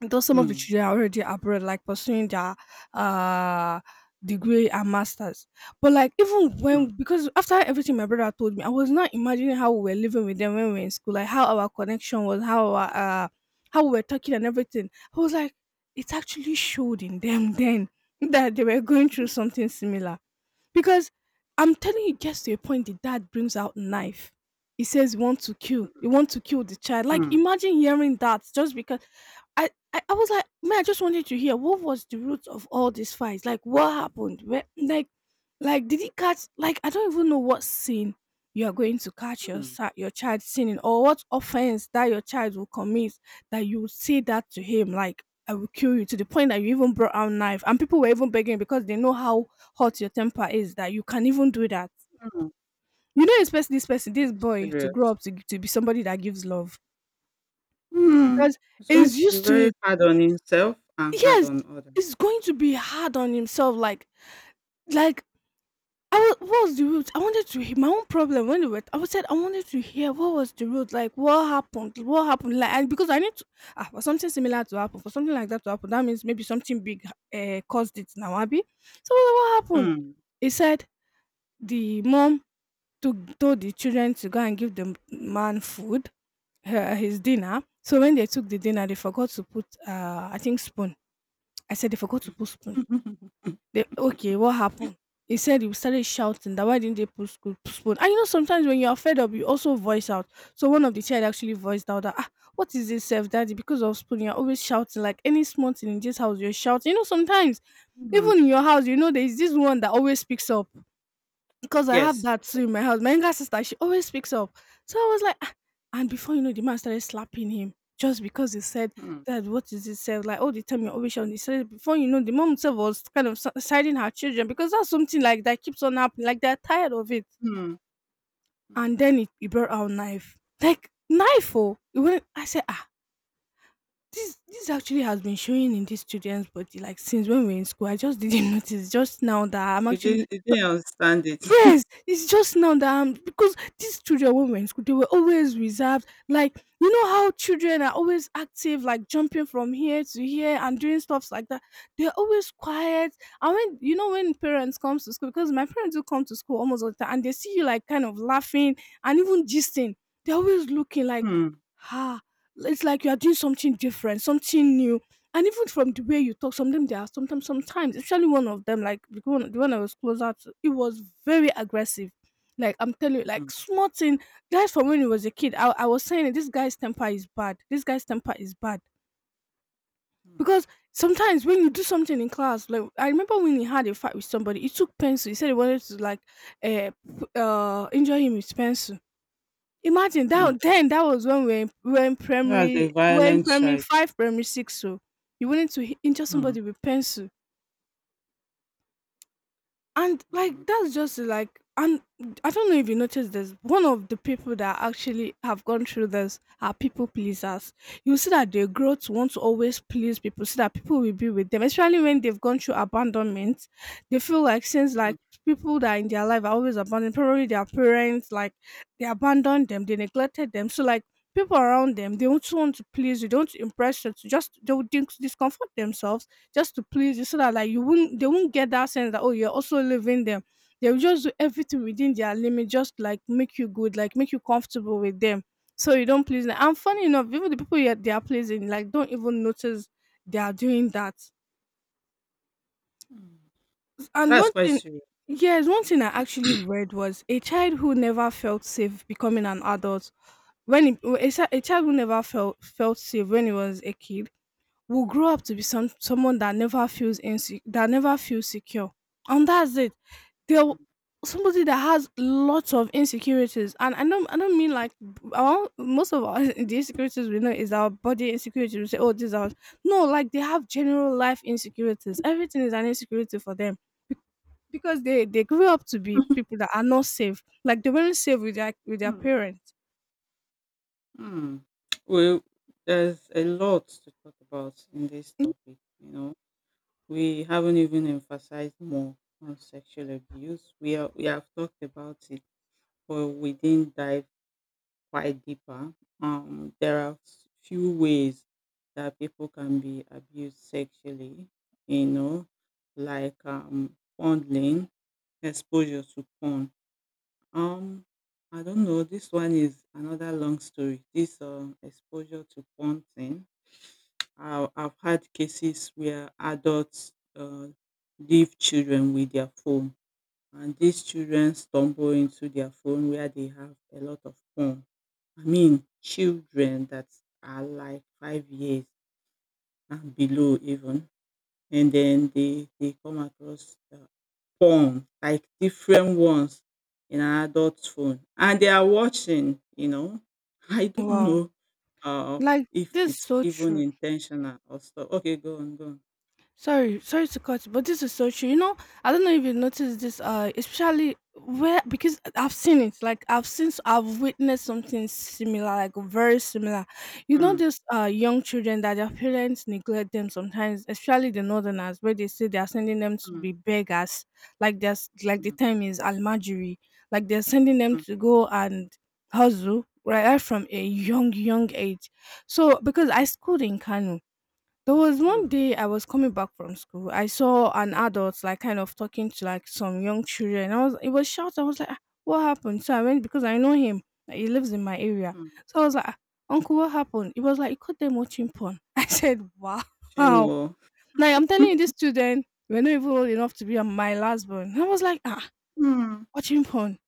S1: Though some of the
S2: Mm,
S1: children are already abroad, like pursuing their uh degree and masters. But like even
S2: mm,
S1: when, because after everything my brother told me, I was not imagining how we were living with them when we were in school, like how our connection was, how our how we were talking and everything. I was like, it actually showed in them then that they were going through
S2: mm,
S1: something similar. Because I'm telling you, it gets to a point the dad brings out knife. He says he wants to kill. He
S2: mm,
S1: wants to kill the child. Like
S2: mm,
S1: imagine hearing that just because I was like, man, I just wanted to hear what was the root of all these fights. Like what happened? Where, like did he catch, like I don't even know what sin you are going to catch your
S2: mm.
S1: sa- your child sinning, or what offense that your child will commit, that you will say that to him, like I will kill you, to the point that you even brought out knife and people were even begging because they know how hot your temper is, that you can even do that.
S2: Mm.
S1: You don't expect this person, this
S2: That's
S1: boy, to grow
S2: serious.
S1: up to be somebody that gives love
S2: Mm.
S1: because
S2: He's going
S1: he's
S2: to be
S1: used to
S2: very
S1: it.
S2: hard on himself and hard
S1: Yes,
S2: on others.
S1: it's going to be hard on himself. Like I was, what was the root? I wanted to hear my own problem when we were. I was said I wanted to hear what was the root. Like, what happened? What happened? Like, and because I need to, ah, for something similar to happen, for something like that to happen, that means maybe something big caused it now, Abby. So I was like, what happened?
S2: Mm.
S1: He said the mom took told the children to go and give the man food, her, his dinner. So when they took the dinner, they forgot to put, I think spoon. I said they forgot to put spoon.
S2: Mm.
S1: They okay, what happened? He said he started shouting that why didn't they put sco- spoon? And sometimes when you are fed up, you also voice out. So one of the child actually voiced out that, ah, what is this self daddy? Because of spoon, you're always shouting, like any small thing in this house, you're shouting. Sometimes even in your house, you know there is this one that always speaks up, because I have
S2: Yes.
S1: that too in my house. My younger sister, she always speaks up. So I was like, "Ah," and before you know, the man started slapping him just because he said
S2: Mm.
S1: that what is it said, like all the time you're always on this. Before you know, the mom herself was kind of si- siding her children because that's something like that keeps on happening. Like they're tired of it.
S2: Mm. Mm.
S1: And then he brought out knife, like knife. Oh, it went- I said, ah, this actually has been showing in these students' body like since when we we're in school. I just didn't notice just now that I'm
S2: You
S1: actually
S2: didn't you didn't understand it.
S1: yes, it's just now that I'm, because these children when we were in school, they were always reserved. Like you know how children are always active, like jumping from here to here and doing stuffs like that. They're always quiet. And when when parents come to school, because my parents do come to school almost all the time, and they see you like kind of laughing and even gisting. They're always looking like,
S2: Mm.
S1: ah, it's like you are doing something different, something new. And even from the way you talk, sometimes they are sometimes, especially one of them, like the one I was closer to, it was very aggressive. Like I'm telling you, like
S2: Mm.
S1: small thing. Guys, from when he was a kid, I was saying it, this guy's temper is bad. This guy's temper is bad
S2: Mm.
S1: because sometimes when you do something in class, like I remember when he had a fight with somebody, he took pencil. He said he wanted to like, uh, p- injure him with pencil. Imagine
S2: Mm.
S1: that, then that was when we were in
S2: That's a
S1: primary
S2: violent child.
S1: five, primary six, so you wanted to h- injure
S2: Mm.
S1: somebody with pencil. And like
S2: Mm.
S1: that's just like, and I don't know if you noticed this. One of the people that actually have gone through this are people pleasers. You see that they grow to want to always please people so that people will be with them, especially when they've gone through abandonment. They feel like since
S2: Mm.
S1: like people that are in their life are always abandoned, probably their parents, like they abandoned them, they neglected them. So like people around them, they also want to please you, they want to impress you, to just they would dis- discomfort themselves just to please you so that like you wouldn't, they won't get that sense that, oh, you're also leaving them. They will just do everything within their limit just like make you good, like make you comfortable with them, so you don't please them. And funny enough, even the people you they are pleasing like don't even notice they are doing that.
S2: Mm.
S1: And
S2: That's
S1: one
S2: quite
S1: thing,
S2: serious.
S1: yes, one thing I actually read was a child who never felt safe becoming an adult. When he, a, chi- a child who never felt safe when he was a kid will grow up to be some someone that never feels inse- that never feels secure. And that's it. They'll
S2: Mm.
S1: somebody that has lots of insecurities. And I don't mean like our, most of our the insecurities we know is our body insecurities, we say oh this out, no, like they have general life insecurities, everything is an insecurity for them because they grew up to be people that are not safe, like they weren't safe with their
S2: Mm.
S1: parents.
S2: Mm. Well, there's a lot to talk about in this topic, you know. We haven't even emphasized more on sexual abuse. We have talked about it but we didn't dive quite deeper. There are few ways that people can be abused sexually, you know, like fondling, exposure to porn. Um, I don't know. This one is another long story. This exposure to porn thing. I've had cases where adults leave children with their phone and these children stumble into their phone where they have a lot of porn. I mean, children that are like 5 years and below even, and then they come across porn like different ones in an adult's phone, and they are watching. You know, I don't
S1: Wow,
S2: know uh,
S1: like
S2: if
S1: this is
S2: it's
S1: so
S2: even
S1: true.
S2: intentional or stuff. Okay, go on, go on.
S1: Sorry, sorry to cut, but this is so true. You know, I don't know if you noticed this, especially where because I've seen it. Like I've seen, I've witnessed something similar, like very similar. You know,
S2: Mm,
S1: these young children that their parents neglect them sometimes, especially the northerners, where they say they are sending them to
S2: mm,
S1: be beggars. Like there's like the
S2: mm,
S1: term is almajiri. Like they're sending them
S2: mm,
S1: to go and hustle right, right from a young age. So because I
S2: mm,
S1: schooled in Kano, there was one
S2: mm,
S1: day I was coming back from school. I saw an adult like kind of talking to like some young children. I was It was shouting. I was like, "Ah, what happened?" So I went because I know him. He lives in my area.
S2: mm.
S1: So I was like, "Ah, uncle, what happened?" He was like, "He caught them watching porn." I said, "Wow!" Now
S2: Shame.
S1: I'm telling you, this children were not even old enough to be on my last born. I was like, "Ah,
S2: Oh.
S1: watching porn.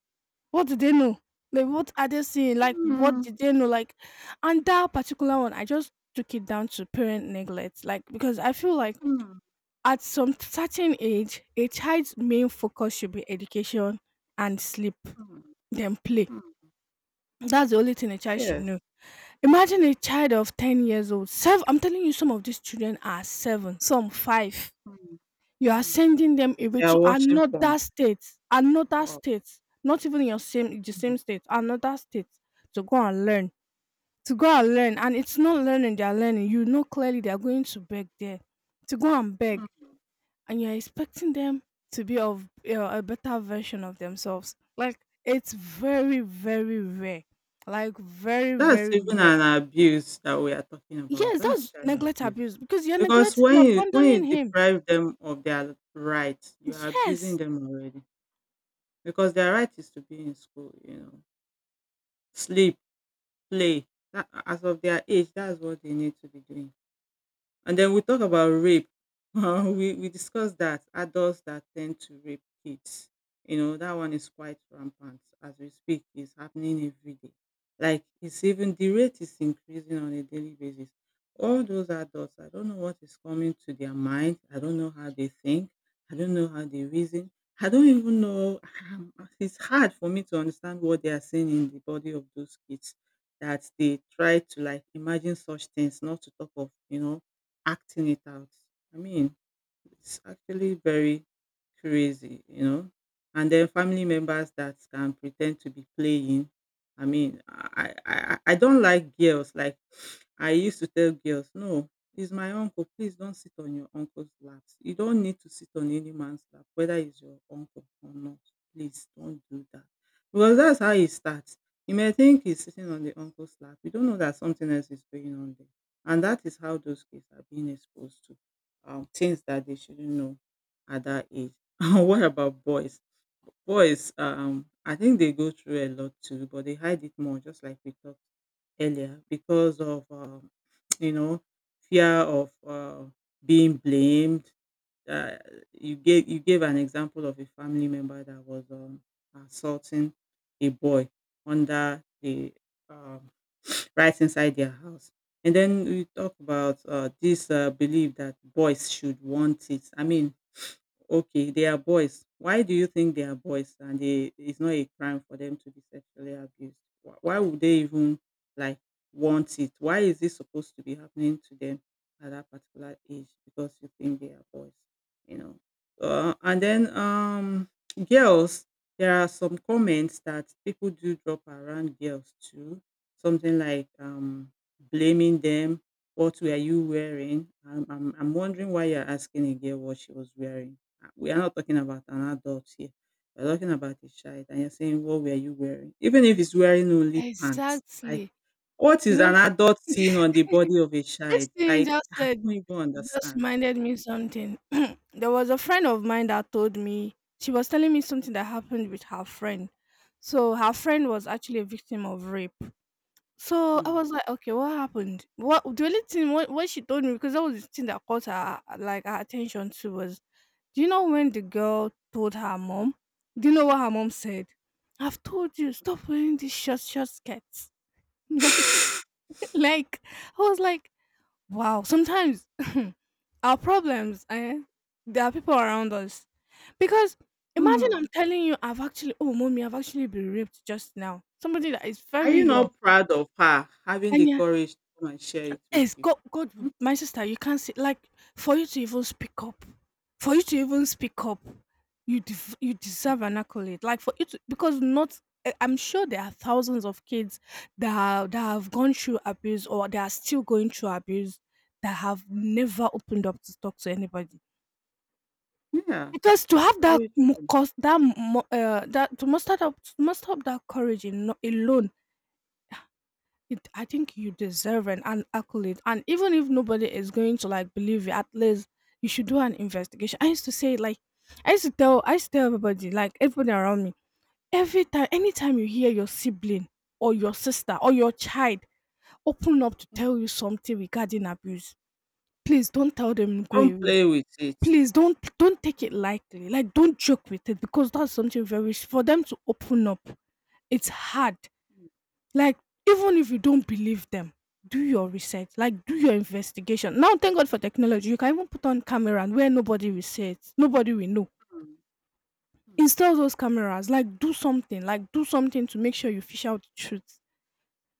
S1: What did they know? Like, what are they seeing? Like, what
S2: Mm,
S1: did they know?" Like, and that particular one, I just took it down to parent neglect. Like, because I feel like
S2: mm,
S1: at some certain age, a child's main focus should be education and sleep,
S2: mm,
S1: then play.
S2: mm.
S1: That's the only thing a child should
S2: Yes.
S1: know. Imagine a child of 10 years old. Seven, I'm telling you, some of these children are seven, some five.
S2: Mm,
S1: You are
S2: mm.
S1: sending them away
S2: They are
S1: to
S2: watching porn.
S1: another
S2: Wow.
S1: state, not even your same, the
S2: Mm,
S1: same state, another state to go and learn, to go and learn. And it's not learning, they are learning. You know clearly they are going to beg there, to go and beg,
S2: mm.
S1: and you're expecting them to be of, you know, a better version of themselves. Like it's very, very rare. Like very,
S2: That's
S1: very
S2: even
S1: rare.
S2: an abuse that we are talking about.
S1: Yes,
S2: That's
S1: that's
S2: child
S1: neglect
S2: abuse.
S1: abuse because
S2: Because
S1: you're
S2: when you
S1: abandoning him.
S2: deprive them of their rights, you are abusing
S1: Yes,
S2: them already. Because their right is to be in school, you know, sleep, play. That, as of their age, that's what they need to be doing. And then we talk about rape. We discussed that adults that tend to rape kids. You know, that one is quite rampant as we speak. It's happening every day. Like it's even the rate is increasing on a daily basis. All those adults, I don't know what is coming to their mind. I don't know how they think. I don't know how they reason. I don't even know. It's hard for me to understand what they are seeing in the body of those kids that they try to imagine such things, not to talk of, acting it out. I mean, it's actually very crazy. And then family members that can pretend to be playing. I don't like girls. Like I used to tell girls, no, he's my uncle. Please don't sit on your uncle's laps. You don't need to sit on any man's lap, whether he's your uncle or not. Please don't do that. Because that's how it starts. You may think he's sitting on the uncle's lap. You don't know that something else is going on there. And that is how those kids are being exposed to things that they shouldn't know at that age. And what about boys? Boys, I think they go through a lot too, but they hide it more, just like we talked earlier, because of you know fear of being blamed. Uh, you gave an example of a family member that was assaulting a boy under the um, right inside their house. And then we talk about this belief that boys should want it. Okay, they are boys. Why do you think they are boys and it's not a crime for them to be sexually abused? Why would they even like want it? Why is this supposed to be happening to them at that particular age? Because you think they are boys, you know. And then girls, there are some comments that people do drop around girls too. Something like blaming them. What were you wearing? I'm wondering why you're asking a girl what she was wearing we are not talking about an adult here. We're talking about a child, and you're saying, what were you wearing? Even if it's wearing only pants, like,
S1: exactly.
S2: what
S1: You
S2: is an
S1: know,
S2: adult seeing on the body of a
S1: this
S2: child?
S1: thing you
S2: Like,
S1: just
S2: I
S1: said
S2: don't even
S1: just
S2: understand.
S1: reminded me something. There was a friend of mine that told me, she was telling me something that happened with her friend. So her friend was actually a victim of rape. So I
S2: Hmm.
S1: was like, "Okay, what happened?" What The only thing, what she told me, because that was the thing that caught her, like, her attention too, was, do you know when the girl told her mom? Do you know what her mom said? "I've told you, stop wearing these short skirts." Like like, I was like, "Wow." Sometimes our problems, eh, there are people around us. Because imagine
S2: Hmm.
S1: I'm telling you, I've actually, "Oh, mommy, I've actually been raped just now." Somebody that is
S2: Are
S1: very
S2: you
S1: young,
S2: not proud of her having the
S1: and you're,
S2: courage to come and share it
S1: yes,
S2: with you?
S1: God God
S2: Hmm?
S1: w my sister, you can't see, like, for you to even speak up for you to even speak up, you deserve an accolade. Like, for you to, because not, eh, I'm sure there are thousands of kids that are that have gone through abuse, or they are still going through abuse, that have never opened up to talk to anybody.
S2: Yeah,
S1: Because to have that
S2: very
S1: mu
S2: true.
S1: cous that mu that to muster up that courage in alone, I think you deserve an accolade, and even if nobody is going to like believe you, at least you should do an investigation. I used to say like, I used to tell everybody, like everybody around me every time, anytime you hear your sibling or your sister or your child open up to
S2: Mm.
S1: tell you something regarding abuse, please don't tell them go
S2: Don't
S1: away.
S2: play with it.
S1: Please don't take it lightly. Like don't joke with it because that's something very, for them to open up. It's hard,
S2: Hmm.
S1: like, even if you don't believe them, do your research, like, do your investigation. Now, thank God for technology. You can even put on camera and where nobody will see it, nobody will know.
S2: Mm.
S1: Install those cameras, like, do something to make sure you fish out the truth.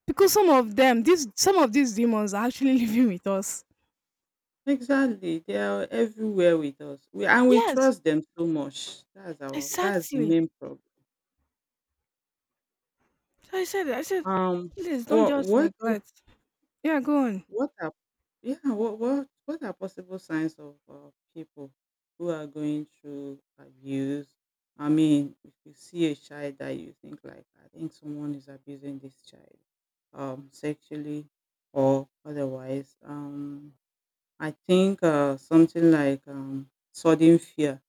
S1: Because some of them, these some of these demons are actually living with us.
S2: Exactly. They are everywhere with us. We and we
S1: Yes,
S2: trust them so much. That's our that's the
S1: exactly.
S2: main problem.
S1: I said,
S2: Um,
S1: please don't
S2: or
S1: just neglect. Yeah, go on.
S2: what are yeah, what are possible signs of people who are going through abuse? I mean, if you see a child that you think like, I think someone is abusing this child, sexually or otherwise. I think something like sudden fear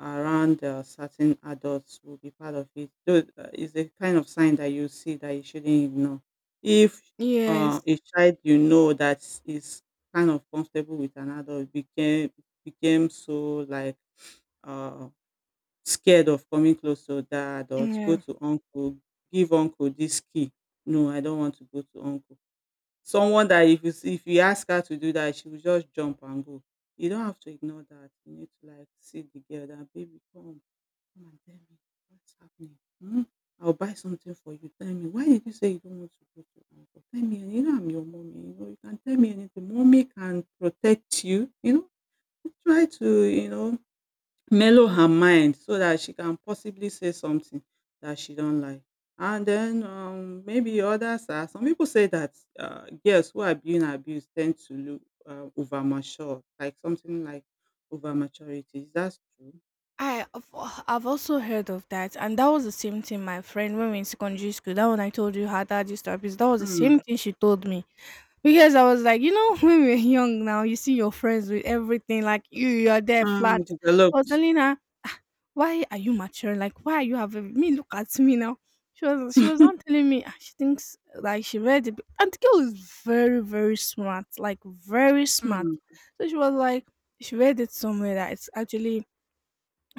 S2: around certain adults will be part of it. So it's a kind of sign that you see that you shouldn't ignore. If
S1: Yes.
S2: a child you know that is kind of comfortable with an adult became so like uh, scared of coming close to that adult, go
S1: Yeah.
S2: to uncle, give uncle this key. No, I don't want to go to uncle. Someone that if you ask her to do that, she will just jump and go. You don't have to ignore that. You need to like see the girl that baby come, come and tell me what's happening. Hmm? I'll buy something for you. Tell me. Why did you say you don't want to go to uncle? Tell me. And you know I'm your mommy. You know, you can tell me anything. Mommy can protect you. You know, try to, mellow her mind so that she can possibly say something that she don't like. And then maybe others are. Some people say that girls who are being abused tend to look over mature, like something like over maturity. Is that true?
S1: I've I've also heard of that, and that was the same thing my friend, when we were in secondary school. That one I told you had that therapist. That was the same
S2: Mm,
S1: thing she told me, because I was like, you know, when we were young now, you see your friends with everything, like you are there
S2: mm,
S1: flat. I was
S2: developed.
S1: telling her, why are you mature? Like, why are you having me? Look at me now. She was not telling me. She thinks like she read it, and the girl is very smart, like very smart.
S2: Mm,
S1: So she was like, she read it somewhere that it's actually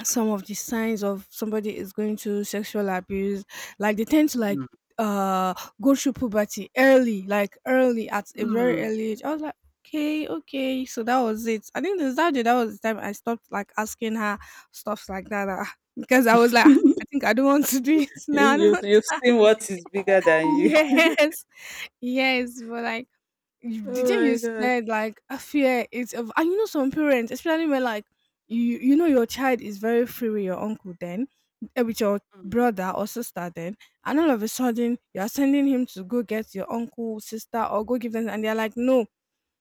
S1: some of the signs of somebody is going through sexual abuse, like they tend to like
S2: mm,
S1: uh go through puberty early, like early at a very
S2: mm.
S1: early age. I was like, okay, okay, so that was it. I think this that day, that was the time I stopped like asking her stuff like that. Because I was like, "Ah, I think I don't want to do it. Now
S2: You
S1: I don't
S2: you've
S1: want
S2: you've
S1: to-"
S2: seen what is bigger than you.
S1: Yes, yes, but like,
S2: Oh
S1: didn't
S2: my
S1: you
S2: god.
S1: said like a fear, it's a, and you know some parents, especially when like, you know your child is very free with your uncle, then, eh, with your
S2: Mm.
S1: brother or sister, then, and all of a sudden you are sending him to go get your uncle, sister, or go give them, and they're like no,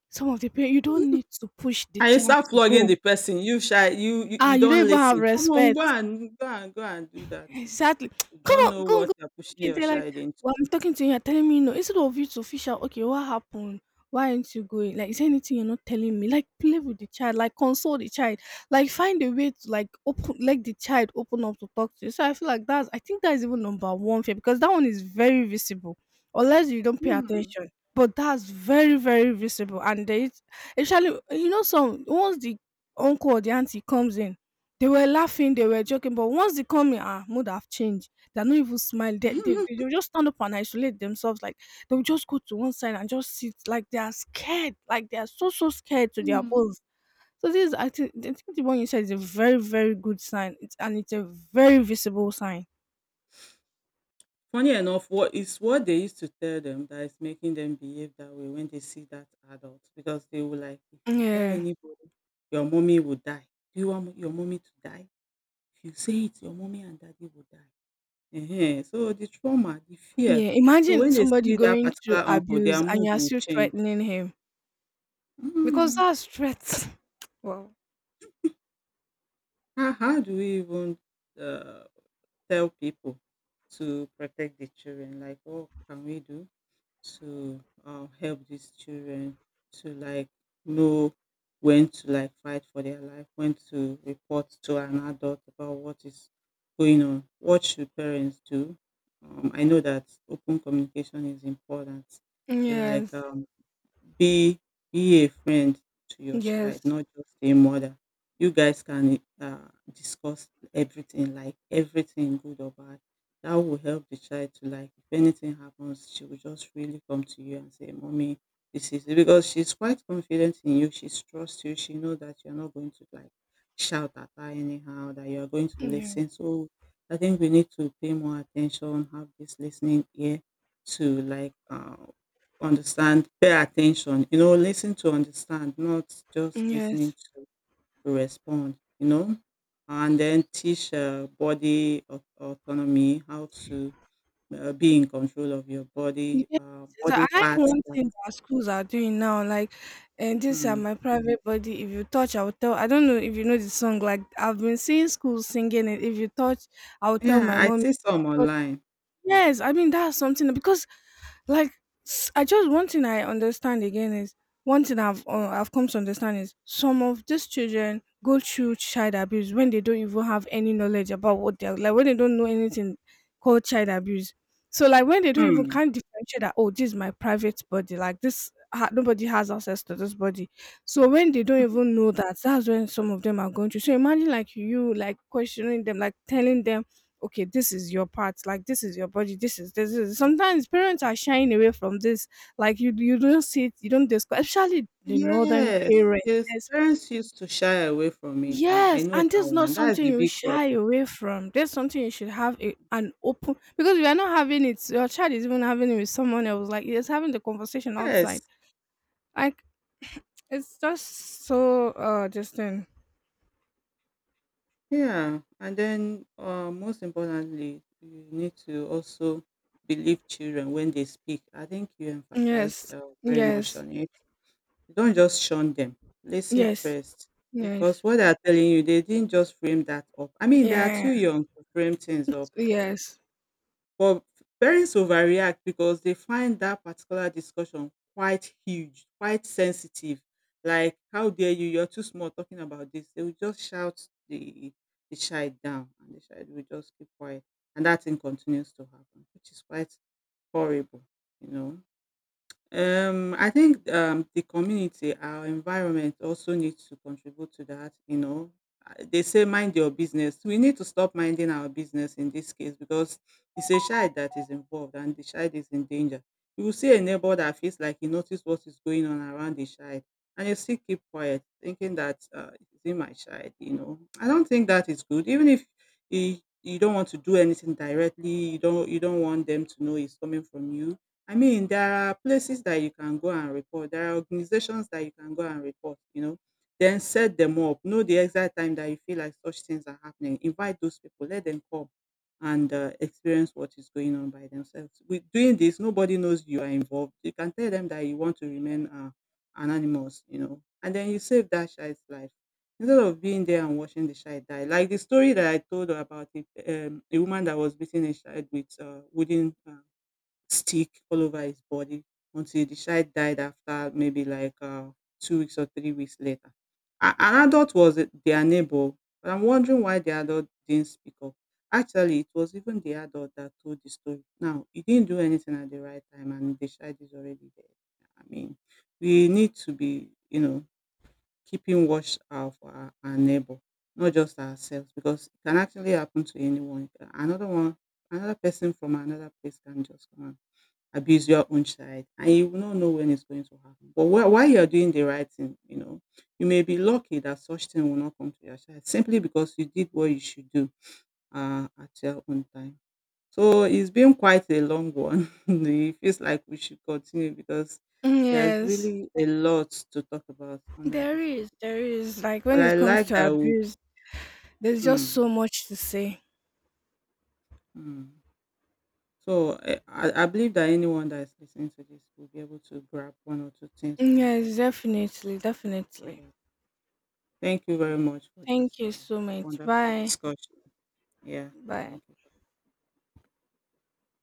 S1: some of the parents, you don't need to push the
S2: And you
S1: child
S2: start
S1: to
S2: flogging
S1: go.
S2: the person. You shy you you,
S1: Ah,
S2: you
S1: you
S2: don't
S1: don't even have
S2: listen. Come on, go
S1: respect.
S2: and go and go and do that thing.
S1: Exactly.
S2: You
S1: Come
S2: don't
S1: on,
S2: know
S1: go and
S2: what
S1: go.
S2: you're pushing
S1: Okay,
S2: your
S1: they're like,
S2: child into.
S1: well, I'm talking to you, you're telling me no. Instead of you to fish out, okay, what happened? Why aren't you going? Like, is there anything you're not telling me? Like, play with the child, like, console the child, like, find a way to, like, open, like, the child open up to talk to you. So I feel like that's, I think that's even number one fear, because that one is very visible, unless you don't pay
S2: Mm.
S1: attention. But that's very, very visible. And there is, actually, you know, some, once the uncle or the auntie comes in, they were laughing, they were joking, but once they come in, ah, mood have changed. They're not even smiling. They will just stand up and isolate themselves. Like they'll just go to one side and just sit. Like they are scared. Like they are so so scared to their
S2: Mm.
S1: bones. So this is, I think the one you said is a very good sign. It's a very visible sign.
S2: Funny enough, what is what they used to tell them that is making them behave that way when they see that adult because they were like, if you tell
S1: Yeah.
S2: anybody, your mommy will die. Do you want your mommy to die? If you say it, your mommy and daddy will die. Ehen. So the trauma, the fear.
S1: Yeah.
S2: So
S1: Imagine
S2: when they
S1: somebody
S2: see that
S1: going to
S2: particular uncle,
S1: abuse
S2: their
S1: and
S2: mood
S1: you're
S2: will
S1: still
S2: change.
S1: threatening him. Because
S2: Mm.
S1: that's threats. Wow.
S2: How do we even uh, tell people to protect the children? Like, what can we do to help these children to know when to like fight for their life, when to report to an adult about what is going on? What should parents do? I know that open communication is important like
S1: Yes.
S2: Be be a friend to your child,
S1: Yes.
S2: not just a mother. You guys can discuss everything, like everything good or bad. That will help the child to like if anything happens, she will just really come to you and say, Mommy, this is it, because she's quite confident in you, she trusts you, she knows that you're not going to like shout at her anyhow, that you're going to
S1: Yeah.
S2: listen. So I think we need to pay more attention, have this listening ear to like understand, pay attention, you know, listen to understand, not just listening
S1: Yes.
S2: to respond, you know, and then teach body autonomy, how to be in control of your body,
S1: Yes,
S2: body
S1: and
S2: parts.
S1: one
S2: That,
S1: thing that schools are doing now. Like, and this are
S2: mm.
S1: my private body. If you touch, I will tell. I don't know if you know the song. Like, I've been seeing schools singing it. If you touch, I will tell
S2: Yeah,
S1: my
S2: I
S1: mom.
S2: see some online.
S1: Yes, I mean that's something because, like, s- I just one thing I understand again is one thing I've come to understand is some of these children go through child abuse when they don't even have any knowledge about what they're, like when they don't know anything called child abuse. So like when they don't even
S2: Mm.
S1: can't differentiate that, oh, this is my private body, like this nobody has access to this body. So when they don't even know that, that's when some of them are going through. So imagine like you like questioning them, like telling them, okay, this is your part, like this is your body, this is, this is, sometimes parents are shying away from this. Like you don't see it, you don't discuss, especially the northern
S2: Yes,
S1: parents,
S2: yes,
S1: yes.
S2: parents used to shy away from it. I
S1: Yes,
S2: know
S1: and
S2: that
S1: this is not
S2: one. That's
S1: something
S2: the
S1: you
S2: big
S1: shy
S2: problem.
S1: away from, this is something you should have a, an open, because if you're not having it, your child is even having it with someone else, like it's having the conversation
S2: Yes,
S1: outside, like it's just so just then.
S2: yeah, and then most importantly, you need to also believe children when they speak. I think you emphasized
S1: Yes,
S2: very much
S1: yes.
S2: on it. You don't just shun them. Listen
S1: Yes,
S2: first, because
S1: yes.
S2: what they're telling you, they didn't just frame that up. I mean, they are
S1: Yes,
S2: too young to frame things
S1: yes.
S2: up like that.
S1: Yes,
S2: But parents overreact because they find that particular discussion quite huge, quite sensitive. Like, how dare you? You're too small talking about this. They will just shout the child down, and the child will just keep quiet, and that thing continues to happen, which is quite horrible, you know. I think the community, our environment also needs to contribute to that. You know, they say mind your business. We need to stop minding our business in this case because it's a child that is involved and the child is in danger. You will see a neighbor that feels like he noticed what is going on around the child and you still keep quiet, thinking that it's in my child. You know, I don't think that is good. Even if he, you don't want to do anything directly, you don't want them to know it's coming from you. I mean, there are places that you can go and report. There are organizations that you can go and report, you know. Then set them up. Know the exact time that you feel like such things are happening. Invite those people, let them come and experience what is going on by themselves. With doing this, nobody knows you are involved. You can tell them that you want to remain anonymous, you know, and then you save that child's life instead of being there and watching the child die. Like the story that I told about it, a woman that was beating a child with wooden stick all over his body until the child died after maybe like 2 weeks or 3 weeks later. An adult was their neighbor, but I'm wondering why the adult didn't speak up. Actually, it was even the adult that told the story. Now, he didn't do anything at the right time, and the child is already dead. I mean, we need to be, you know, keeping watch out for our neighbor, not just ourselves, because it can actually happen to anyone. Another one, another person from another place can just come and abuse your own child and you will not know when it's going to happen. But while you're doing the right thing, you know, you may be lucky that such thing will not come to your child simply because you did what you should do at your own time. So it's been quite a long one. It feels like we should continue because there's
S1: yes.
S2: really a lot to talk about under
S1: There
S2: this
S1: is,
S2: topic.
S1: there is. Like
S2: But
S1: when
S2: I
S1: it comes
S2: like
S1: to
S2: that. We,
S1: abuse, there's just
S2: mm,
S1: so much to say.
S2: mm. So eh, I believe that anyone that is listening to this will be able to grab one or two things from
S1: Yes,
S2: what
S1: definitely, definitely.
S2: we— thank you very much for this
S1: Thank you so much.
S2: wonderful
S1: Bye.
S2: discussion. Yeah,
S1: Bye.
S2: thank you.